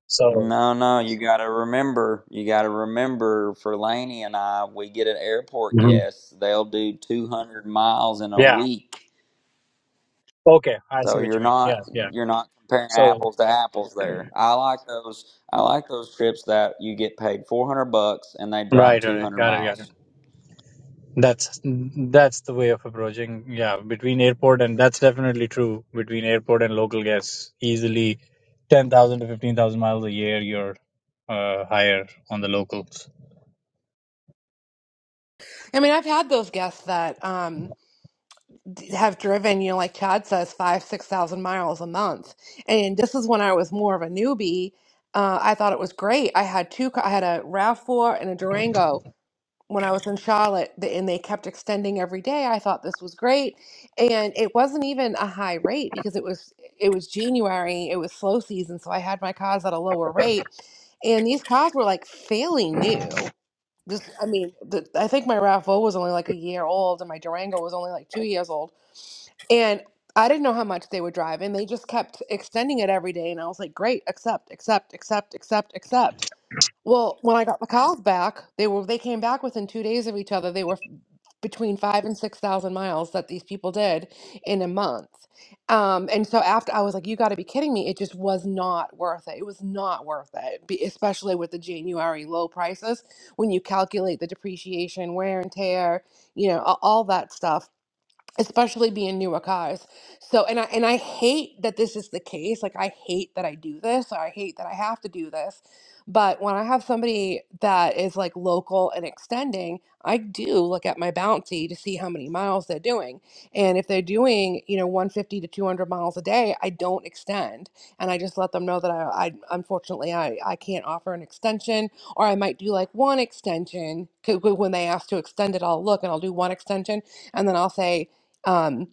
Speaker 11: So
Speaker 2: No, no, you got to remember, you got to remember for Laney and I, we get an airport
Speaker 11: hmm
Speaker 2: guest, they'll do 200 miles in a
Speaker 11: yeah,
Speaker 2: week.
Speaker 11: okay, I see
Speaker 2: So
Speaker 11: what
Speaker 2: you're
Speaker 11: you mean.
Speaker 2: not
Speaker 11: Yeah, yeah.
Speaker 2: you're not comparing
Speaker 11: So
Speaker 2: apples to apples there. I like those I like those trips that you get paid 400 bucks and they drive
Speaker 11: right, right,
Speaker 2: 200
Speaker 11: got it, got it.
Speaker 2: miles.
Speaker 11: That's that's the way of approaching. Yeah, between airport and that's definitely true between airport and local gas. Easily, ten thousand to fifteen thousand miles a year, you're uh, higher on the locals.
Speaker 6: I mean, I've had those guests that um, d- have driven, you know, like Chad says, five, 6,000 miles a month. And this is when I was more of a newbie. Uh, I thought it was great. I had two, ca- I had a RAV4 and a Durango when I was in Charlotte, th- and they kept extending every day. I thought this was great. And it wasn't even a high rate because it was it was January, it was slow season, so I had my cars at a lower rate. And these cars were like fairly new just, I mean, the, I think my RAV4 was only like a year old, and my Durango was only like two years old. And I didn't know how much they were driving. They just kept extending it every day, and I was like, "Great, accept, accept, accept, accept, accept." Well, when I got the cows back, they were they came back within two days of each other. They were f- between five and six thousand miles that these people did in a month. Um, and so after I was like, you got to be kidding me! It just was not worth it. It was not worth it, be- especially with the January low prices. When you calculate the depreciation, wear and tear, you know, a- all that stuff especially being newer cars. So and I and I hate that this is the case. Like I hate that I do this. Or I hate that I have to do this. But when I have somebody that is like local and extending, I do look at my bounty to see how many miles they're doing. And if they're doing, you know, 150 to 200 miles a day, I don't extend. And I just let them know that I, I unfortunately I, I can't offer an extension or I might do like one extension 'cause when they ask to extend it, I'll look and I'll do one extension and then I'll say, um,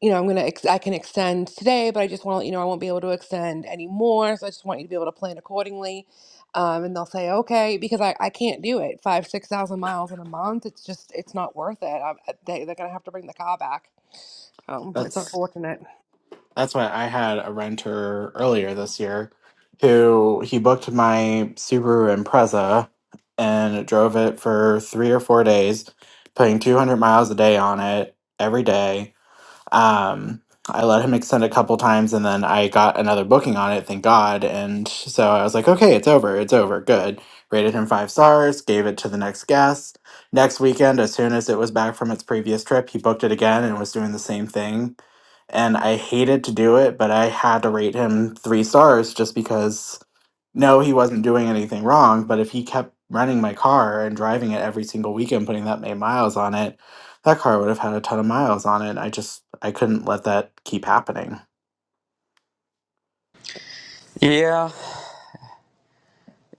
Speaker 6: you know, I'm gonna ex- I can extend today, but I just want to let you know I won't be able to extend anymore. So I just want you to be able to plan accordingly. Um, and they'll say okay because I, I can't do it five six thousand miles in a month. It's just it's not worth it. I, they they're gonna have to bring the car back. Um, it's
Speaker 8: that's
Speaker 6: unfortunate.
Speaker 8: That's why I had a renter earlier this year who he booked my Subaru Impreza and drove it for three or four days, putting 200 miles a day on it every day. Um, I let him extend a couple times and then I got another booking on it, thank God. And so I was like, okay, it's over, it's over, good. Rated him five stars, gave it to the next guest. Next weekend, as soon as it was back from its previous trip, he booked it again and was doing the same thing. And I hated to do it, but I had to rate him three stars just because no, he wasn't doing anything wrong, but if he kept running my car and driving it every single weekend, putting that many miles on it, that car would have had a ton of miles on it. I just I couldn't let that keep happening.
Speaker 2: Yeah.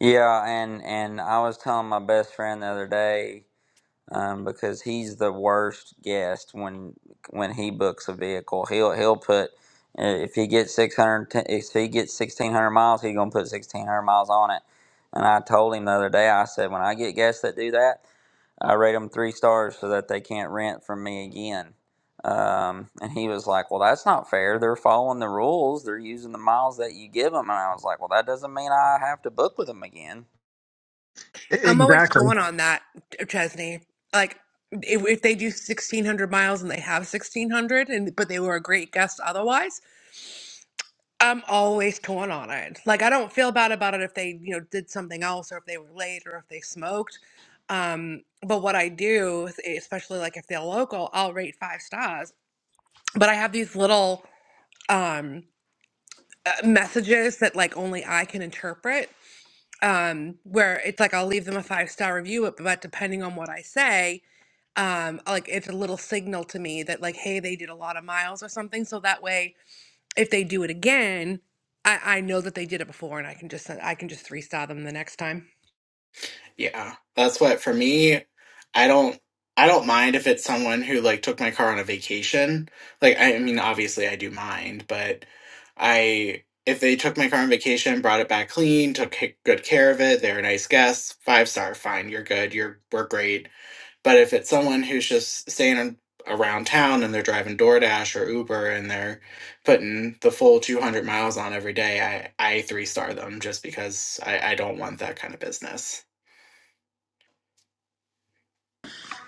Speaker 2: Yeah, and and I was telling my best friend the other day um, because he's the worst guest when when he books a vehicle. He'll he'll put uh, if he gets 600 if he gets 1600 miles, he's going to put 1600 miles on it. And I told him the other day I said when I get guests that do that, I rate them three stars so that they can't rent from me again. Um, and he was like, Well, that's not fair. They're following the rules. They're using the miles that you give them. And I was like, Well, that doesn't mean I have to book with them again.
Speaker 9: E-
Speaker 6: I'm always
Speaker 9: Exactly.
Speaker 6: torn on that, Chesney. Like if, if they do 1600 miles and they have 1600 and but they were a great guest otherwise I'm always torn on it. Like I don't feel bad about it if they, you know, did something else or if they were late or if they smoked. Um, but what I do, is- especially like if they're local, I'll rate five stars. But I have these little um uh, messages that like only I can interpret. Um, where it's like I'll leave them a five star review, but but depending on what I say, um, like it's a little signal to me that like, hey, they did a lot of miles or something. So that way if they do it again, I, I know that they did it before, and I can just I can just freestyle them the next time.
Speaker 8: Yeah, that's what for me. I don't I don't mind if it's someone who like took my car on a vacation. Like I, I mean, obviously I do mind, but I if they took my car on vacation, brought it back clean, took c- good care of it, they're nice guests, five star, fine, you're good, you're we're great But if it's someone who's just staying around town and they're driving DoorDash or Uber and they're putting the full 200 miles on every day, I, I three star them just because I, I don't want that kind of business.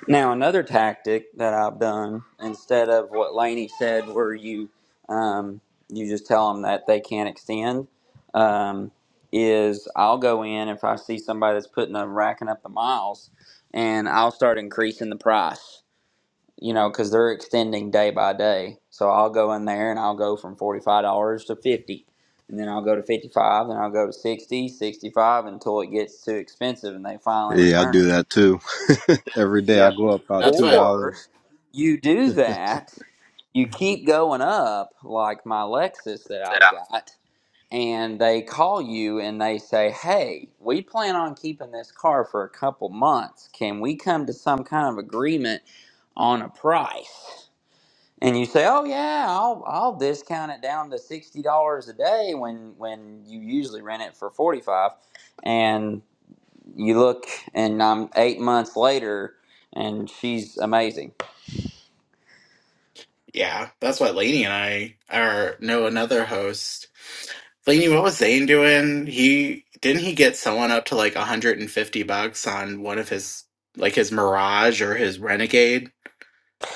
Speaker 2: Now, another tactic that I've done instead of what Laney said, where you um, you just tell them that they can't extend, um, is I'll go in if I see somebody that's putting up racking up the miles, and I'll start increasing the price you know, because they're extending day by day. So I'll go in there and I'll go from $45 to 50 dollars, and then I'll go to 55 dollars, then I'll go to 60 dollars, 65 dollars, until it gets too expensive and they finally
Speaker 10: Yeah, I
Speaker 2: return
Speaker 10: do
Speaker 2: it.
Speaker 10: that too. Every day I
Speaker 2: Yep.
Speaker 10: go up about two dollars.
Speaker 2: Or you do that, you
Speaker 8: Mhm.
Speaker 2: keep going up, like my Lexus that I've
Speaker 8: Yeah.
Speaker 2: got, and they call you and they say, Hey, we plan on keeping this car for a couple months. Can we come to some kind of agreement on a price? and you say, "Oh yeah, I'll I'll discount it down to sixty dollars a day when when you usually rent it for forty five." and you look, and I'm eight months later, and she's amazing.
Speaker 8: Yeah, that's what Laney and I are. Know another host. Laney, what was Zane doing? He didn't he get someone up to like 150 bucks on one of his like his Mirage or his Renegade?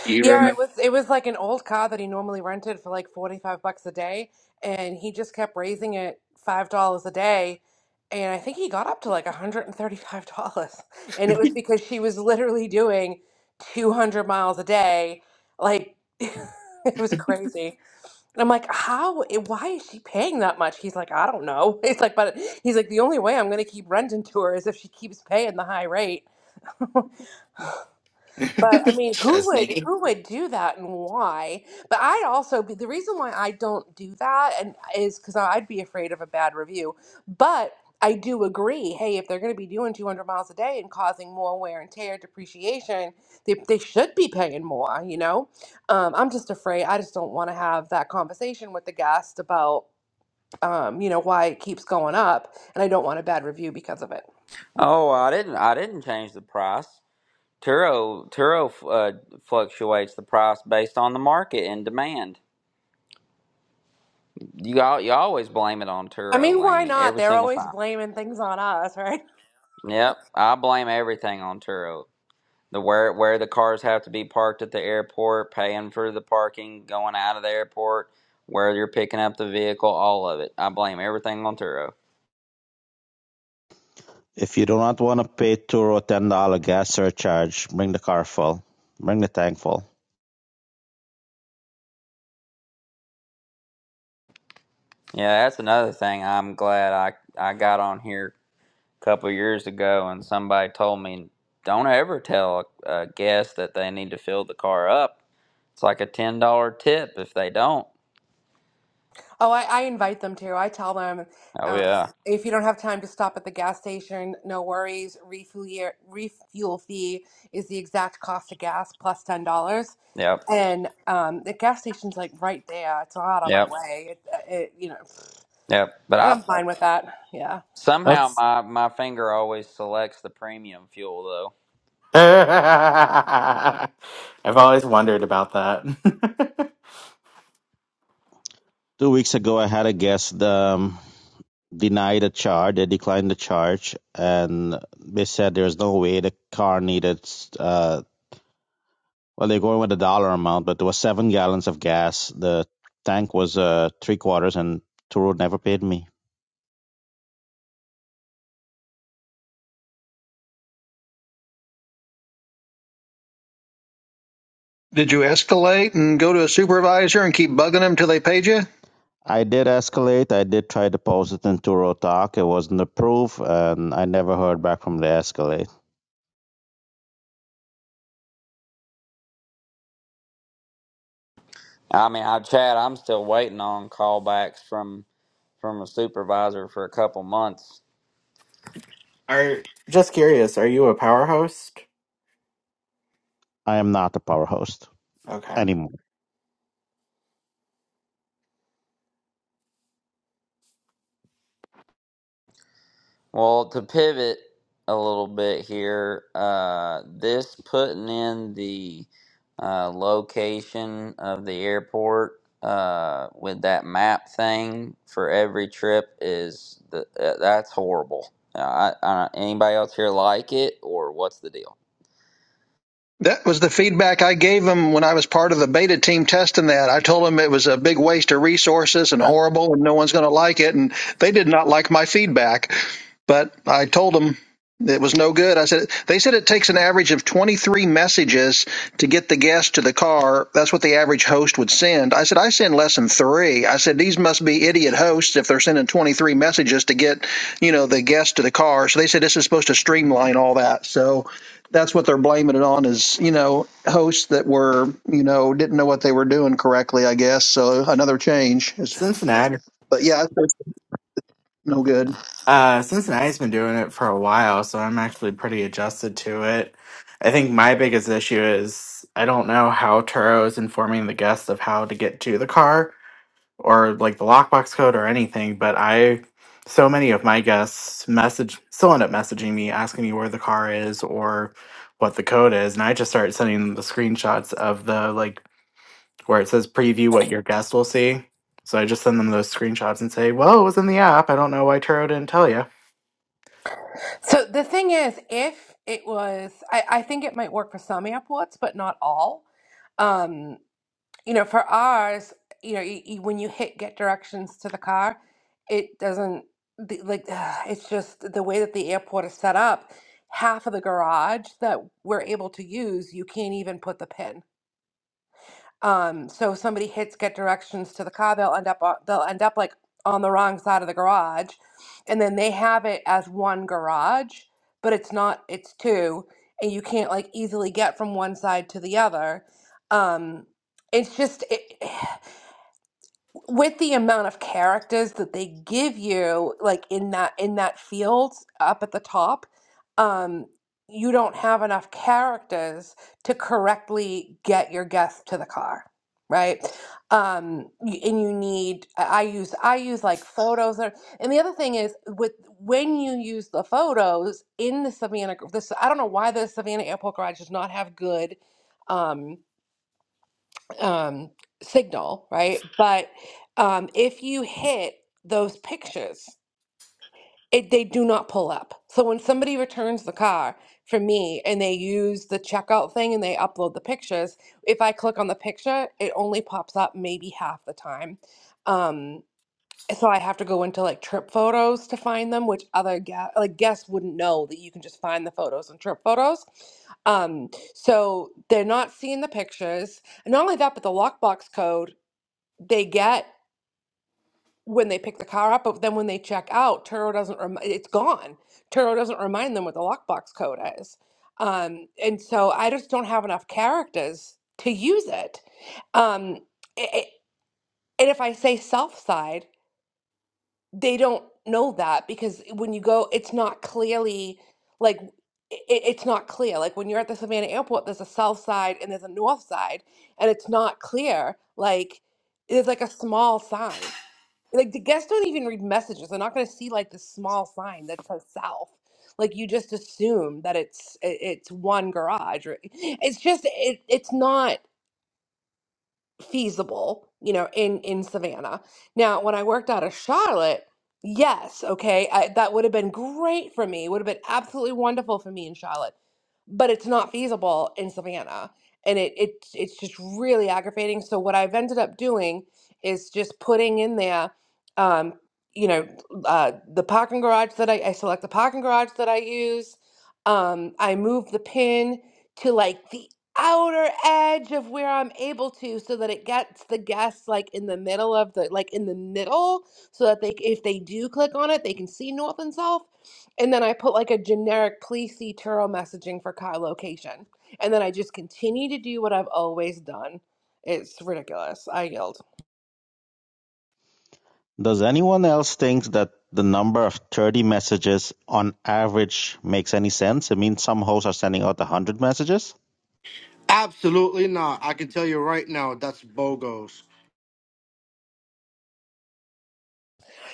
Speaker 8: Do You
Speaker 6: Yeah, it
Speaker 8: remember
Speaker 6: was it was like an old car that he normally rented for like 45 bucks a day and he just kept raising it $5 a day and I think he got up to like $135 and thirty-five dollars. And it was because she was literally doing 200 miles a day like it was crazy. And I'm like, how? i- Why is she paying that much? He's like, I don't know. He's like, but he's like, the only way I'm gonna keep renting to her is if she keeps paying the high rate. But I mean, who would
Speaker 8: Chesney?
Speaker 6: who would do that and why? But I'd also be the reason why I don't do that and is because I'd be afraid of a bad review. But I do agree. Hey, if they're going to be doing 200 miles a day and causing more wear and tear, depreciation, they, they should be paying more. You know, um, I'm just afraid. I just don't want to have that conversation with the guest about um, you know, why it keeps going up, and I don't want a bad review because of it.
Speaker 2: Oh, I didn't I didn't change the price. Turo Turo uh, fluctuates the price based on the market and demand. You all you always blame it on
Speaker 6: I
Speaker 2: Turo,
Speaker 6: mean, why
Speaker 2: Laney,
Speaker 6: not?
Speaker 2: every
Speaker 6: They're
Speaker 2: single
Speaker 6: always
Speaker 2: time.
Speaker 6: blaming things on us, right?
Speaker 2: Yep, I blame everything on Turo. The where where the cars have to be parked at the airport, paying for the parking, going out of the airport, where you're picking up the vehicle, all of it. I blame everything on Turo.
Speaker 4: If you do not want to pay two or ten dollar gas surcharge, bring the car full, bring the tank full.
Speaker 2: Yeah, that's another thing. I'm glad I I got on here a couple years ago and somebody told me don't ever tell a, a guest that they need to fill the car up. It's like a ten dollar tip if they don't.
Speaker 6: Oh, I, I invite them to. I tell them
Speaker 2: Oh
Speaker 6: um,
Speaker 2: yeah.
Speaker 6: if you don't have time to stop at the gas station, no worries. Refuel, year- refuel fee is the exact cost of gas plus ten dollars,
Speaker 2: Yep.
Speaker 6: and um, the gas station's like right there. It's not out of my
Speaker 2: Yep.
Speaker 6: way. It, uh, it, you know,
Speaker 2: Yep. But I
Speaker 6: I'm fine with that. Yeah.
Speaker 2: somehow
Speaker 8: That's
Speaker 2: my my finger always selects the premium fuel though.
Speaker 8: I've always wondered about that.
Speaker 4: Two weeks ago, I had a guest um, deny the charge. They declined the charge, and they said there's no way the car needed. Uh, well, they're going with a dollar amount, but there was seven gallons of gas. The tank was uh, three quarters, and Turo never paid me.
Speaker 9: Did you escalate and go to a supervisor and keep bugging them till they paid you?
Speaker 4: I did escalate. I did try to post it in Turo Talk. It wasn't approved, and I never heard back from the escalate.
Speaker 2: I mean, I Chad, I'm still waiting on callbacks from from a supervisor for a couple months.
Speaker 8: are just curious, are you a power host?
Speaker 4: I am not a power host
Speaker 8: Okay.
Speaker 4: anymore.
Speaker 2: Well, to pivot a little bit here, uh, this putting in the uh, location of the airport uh, with that map thing for every trip is the, uh, that's horrible. Uh, I, I, anybody else here like it or what's the deal?
Speaker 9: That was the feedback I gave him when I was part of the beta team testing that. I told him it was a big waste of resources and horrible and no one's going to like it. And they did not like my feedback. But I told them it was no good. I said, they said it takes an average of 23 messages to get the guest to the car. That's what the average host would send. I said, I send less than three. I said, these must be idiot hosts if they're sending 23 messages to get, you know, the guest to the car. So they said this is supposed to streamline all that. So, that's what they're blaming it on is you know hosts that were you know didn't know what they were doing correctly i guess so another change is
Speaker 8: Cincinnati.
Speaker 9: but yeah it's no good
Speaker 8: Uh Cincinnati's been doing it for a while, so I'm actually pretty adjusted to it. I think my biggest issue is I don't know how Turo is informing the guests of how to get to the car. or like the lockbox code or anything, but I so many of my guests message still end up messaging me asking me where the car is or what the code is, and I just start sending them the screenshots of the like where it says preview what your guest will see. So I just send them those screenshots and say, "Well, it was in the app. I don't know why Turo didn't tell you."
Speaker 6: So the thing is, if it was, I, I think it might work for some airports, but not all. Um, you know, for ours, you know, y y- when you hit get directions to the car, it doesn't the, like ugh, it's just the way that the airport is set up. Half of the garage that we're able to use, you can't even put the pin. Um, so if somebody hits get directions to the car, they'll end up on, they'll end up like on the wrong side of the garage, and then they have it as one garage, but it's not, it's two, and you can't like easily get from one side to the other. Um, it's just it with the amount of characters that they give you like in that in that field up at the top um you don't have enough characters to correctly get your guest to the car right um y- and you need i I use i use like photos or and the other thing is with when you use the photos in the savannah gr- this i don't know why the savannah airport garage does not have good um um, signal, right? But um, if you hit those pictures, it, they do not pull up. So when somebody returns the car for me and they use the checkout thing and they upload the pictures, if I click on the picture, it only pops up maybe half the time. Um, so I have to go into like trip photos to find them, which other ga- like guests wouldn't know that you can just find the photos in trip photos. Um, so they're not seeing the pictures. And not only that, but the lockbox code they get when they pick the car up, but then when they check out, Turo doesn't rem- it's gone. Turo doesn't remind them what the lockbox code is. Um, and so I just don't have enough characters to use it. Um, i i- and if I say south side, they don't know that because when you go, it's not clearly like it, it's not clear. Like when you're at the Savannah airport, there's a south side and there's a north side, and it's not clear. Like there's like a small sign like the guests don't even read messages they're not going to see like the small sign that says south like you just assume that it's i- it's one garage or it's just it, it's not feasible, you know, in in Savannah. Now, when I worked out of Charlotte, yes, okay, I, that would have been great for me. Would have been absolutely wonderful for me in Charlotte, but it's not feasible in Savannah, and it it it's just really aggravating. So what I've ended up doing is just putting in there, um, you know, uh, the parking garage that I, I select the parking garage that I use. Um, I move the pin to like the outer edge of where I'm able to so that it gets the guests like in the middle of the like in the middle so that they if they do click on it they can see north and south and then I put like a generic please see Turo messaging for Kyle location and then I just continue to do what I've always done. It's ridiculous. I yield.
Speaker 4: Does anyone else think that the number of 30 messages on average makes any sense? I mean, some hosts are sending out 100 messages
Speaker 7: Absolutely not. I can tell you right now that's bogos.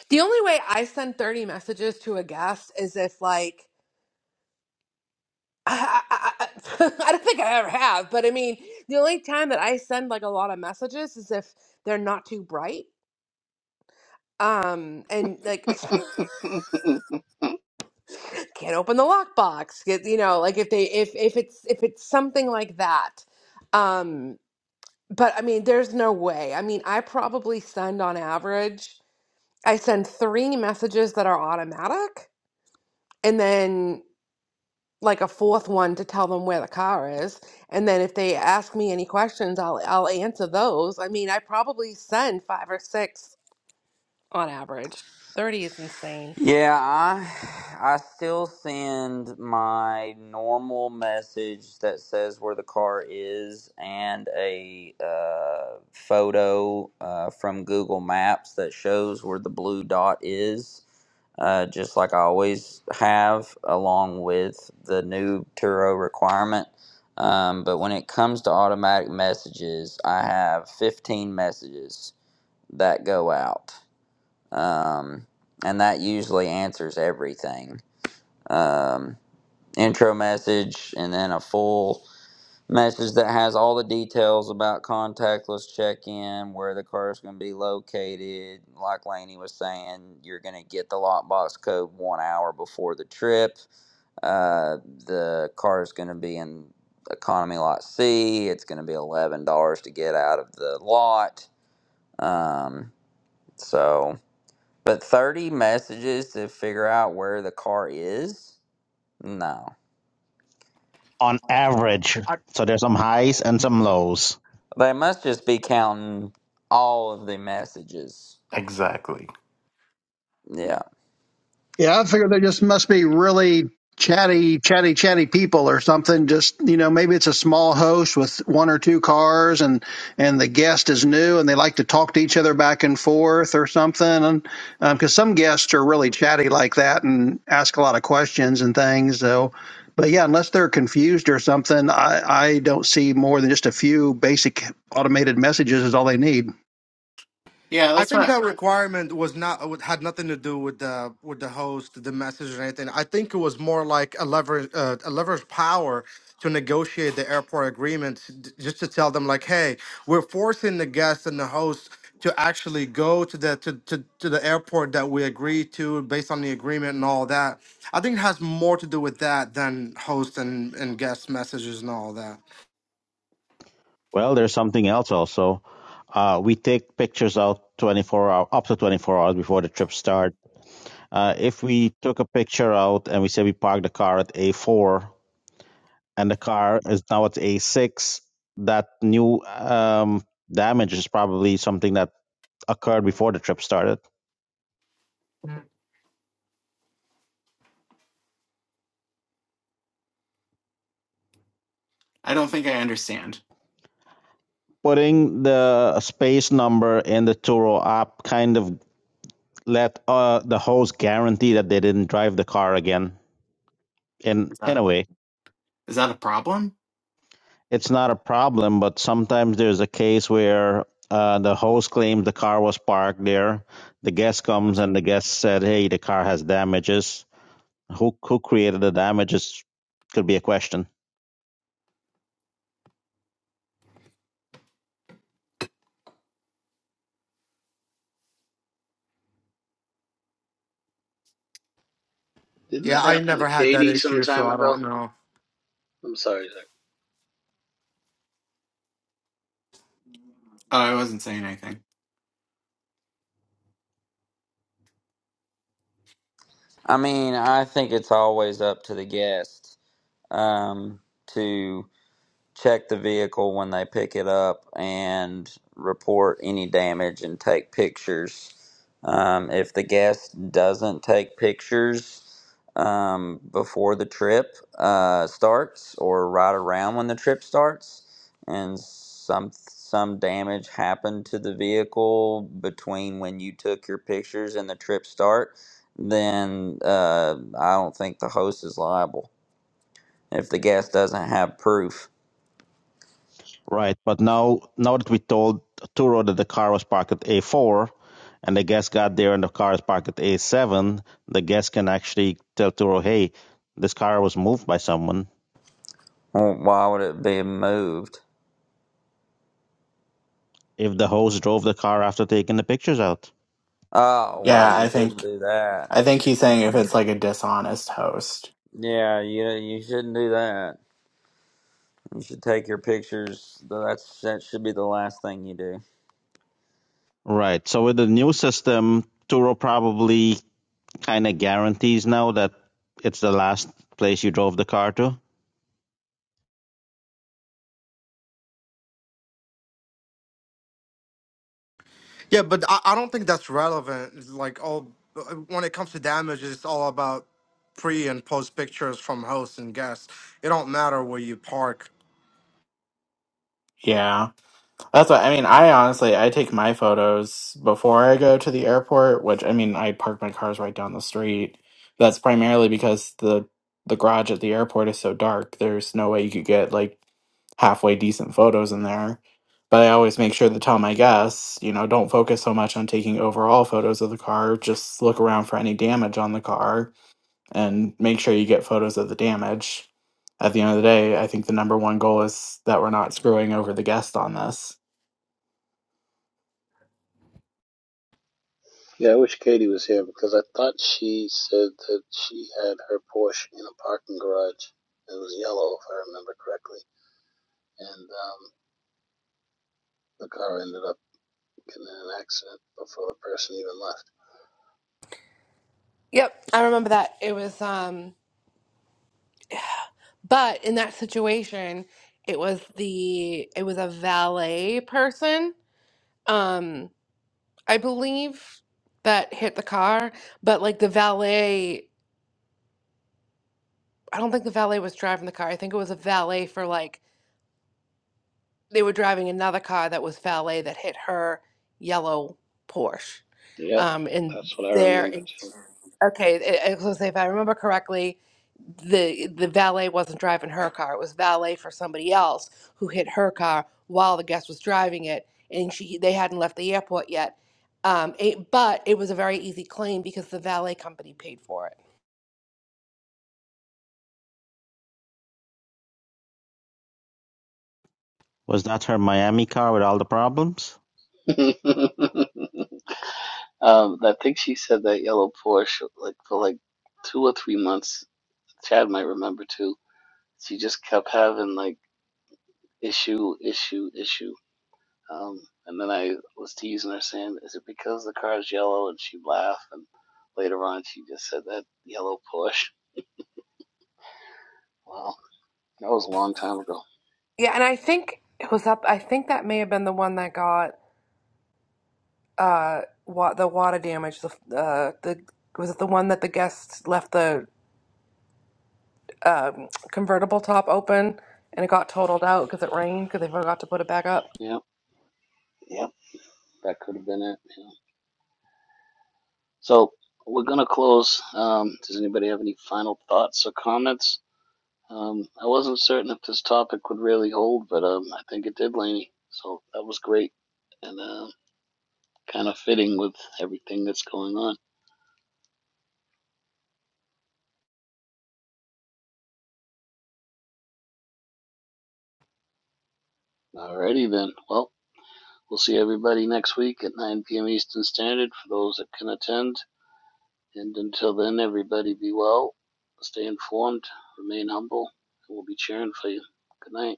Speaker 6: The only way I send 30 messages to a guest is if like I, I, I I don't think I ever have, but I mean, the only time that I send like a lot of messages is if they're not too bright. Um, and like can't open the lockbox, get- you know, like if they if if it's if it's something like that. Um, but I mean, there's no way. I mean, I probably send on average, I send three messages that are automatic, and then like a fourth one to tell them where the car is. And then if they ask me any questions, I'll I'll answer those. I mean, I probably send five or six on average. 30 is insane.
Speaker 2: Yeah, I I still send my normal message that says where the car is and a uh, photo uh, from Google Maps that shows where the blue dot is, uh, just like I always have, along with the new Turo requirement. Um, but when it comes to automatic messages, I have 15 messages that go out um, and that usually answers everything. Um, intro message, and then a full message that has all the details about contactless check-in, where the car is going to be located. Like Laney was saying, you're going to get the lockbox code one hour before the trip. Uh, the car is going to be in economy lot C. It's going to be eleven dollars to get out of the lot. Um, so. But 30 messages to figure out where the car is? No.
Speaker 4: on average. So there's some highs and some lows.
Speaker 2: They must just be counting all of the messages.
Speaker 5: Exactly.
Speaker 2: Yeah.
Speaker 9: Yeah, I figure they just must be really chatty, chatty, chatty people or something. Just you know, maybe it's a small host with one or two cars, and and the guest is new, and they like to talk to each other back and forth or something. And because some guests are really chatty like that and ask a lot of questions and things, so. But yeah, unless they're confused or something, I, I don't see more than just a few basic automated messages is all they need.
Speaker 8: Yeah,
Speaker 7: I
Speaker 8: that's
Speaker 7: think
Speaker 8: what
Speaker 7: that requirement was not had nothing to do with the with the host, the message, or anything. I think it was more like a lever uh, a leverage power to negotiate the airport agreement, d- just to tell them like, hey, we're forcing the guest and the host to actually go to the to, to, to the airport that we agreed to based on the agreement and all that. I think it has more to do with that than host and and guest messages and all that.
Speaker 4: Well, there's something else also. Uh, we take pictures out 24 hours, up to 24 hours before the trip starts. Uh, if we took a picture out and we say we parked the car at A4 and the car is now at A6. That new um, damage is probably something that occurred before the trip started.
Speaker 8: I, I don't think I understand.
Speaker 4: Putting the space number in the Turo app kind of let uh, the host guarantee that they didn't drive the car again. In,
Speaker 8: Is
Speaker 4: in
Speaker 8: that
Speaker 4: a way,
Speaker 8: is that a problem?
Speaker 4: it's not a problem, but sometimes there's a case where uh, the host claims the car was parked there. The guest comes and the guest said, hey, the car has damages Who who created the damages could be a question,
Speaker 1: Didn't
Speaker 7: Yeah,
Speaker 1: that
Speaker 7: I
Speaker 1: happen to
Speaker 7: never had that
Speaker 1: Katie some
Speaker 7: issue, so
Speaker 1: time
Speaker 7: I
Speaker 1: ago?
Speaker 7: don't know.
Speaker 1: I'm sorry.
Speaker 8: Oh, I wasn't saying anything.
Speaker 2: I mean, I think it's always up to the guest um, to. check the vehicle when they pick it up and report any damage and take pictures. Um, if the guest doesn't take pictures um, before the trip uh, starts or right around when the trip starts, and some some damage happened to the vehicle between when you took your pictures and the trip start, then uh, I don't think the host is liable if the guest doesn't have proof.
Speaker 4: right? But now now that we told Turo that the car was parked at A4 and the guest got there and the car is parked at A7, the guest can actually tell Turo, hey, this car was moved by someone
Speaker 2: Well, why would it be moved?
Speaker 4: if the host drove the car after taking the pictures out.
Speaker 2: Oh, well,
Speaker 8: Yeah,
Speaker 2: you
Speaker 8: I
Speaker 2: shouldn't
Speaker 8: think
Speaker 2: do
Speaker 8: I
Speaker 2: that.
Speaker 8: think he's saying if it's like a dishonest host.
Speaker 2: Yeah, you you shouldn't do that. You should take your pictures. That's that should be the last thing you do.
Speaker 4: Right. So with the new system, Turo probably kind of guarantees now that it's the last place you drove the car to.
Speaker 7: Yeah, but I, I don't think that's relevant. It's Like all when it comes to damage, it's all about pre and post pictures from host and guests. It don't matter where you park.
Speaker 8: Yeah. That's what I mean. I honestly, I take my photos before I go to the airport, which I mean, I park my cars right down the street. That's primarily because the the garage at the airport is so dark. There's no way you could get like halfway decent photos in there. But I always make sure to tell my guests, you know, don't focus so much on taking overall photos of the car. Just look around for any damage on the car and make sure you get photos of the damage. At the end of the day, I think the number one goal is that we're not screwing over the guest on this.
Speaker 1: Yeah, I wish Katie was here because I thought she said that she had her Porsche in a parking garage. It was yellow, if I remember correctly, and um, the car ended up getting in an accident before the person even left.
Speaker 6: Yep, I remember that. It was um but in that situation, it was the it was a valet person. Um I believe that hit the car, but like the valet I don't think the valet was driving the car. I think it was a valet for like they were driving another car that was valet that hit her yellow Porsche.
Speaker 1: Yep,
Speaker 6: Um, and
Speaker 1: that's what I
Speaker 6: there, in- okay, I I was gonna say, if I remember correctly, the the valet wasn't driving her car; it was valet for somebody else who hit her car while the guest was driving it, and she they hadn't left the airport yet. Um, it, but it was a very easy claim because the valet company paid for it.
Speaker 4: Was that her Miami car with all the problems?
Speaker 1: remember too. um, I think she said that yellow Porsche like for like two or three months. Chad might remember too. She just kept having like issue, issue, issue. Um, and then I was teasing her, saying, "Is it because the car's yellow?" And she laughed. And later on, she just said that yellow push. Wow, that was a long time ago.
Speaker 6: Yeah, and I think it was up. I think that may have been the one that got. uh wa- the water damage the uh the was it the one that the guests left the um, convertible top open and it got totaled out because it rained because they forgot to put it back up
Speaker 1: Yep, yep, that could have been it. Yeah. So we're gonna close. Um, does anybody have any final thoughts or comments? Um, I wasn't certain if this topic would really hold, but um, I think it did, Laney. So that was great and uh, kind of fitting with everything that's going on. Alrighty then. Well, We'll see everybody next week at 9 p.m. Eastern Standard for those that can attend. And until then, everybody be well, stay informed, remain humble, and we'll be cheering for you. Good night.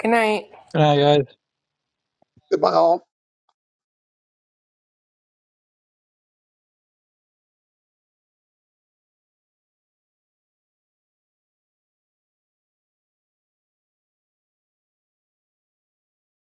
Speaker 6: good night
Speaker 11: Right,
Speaker 9: By all.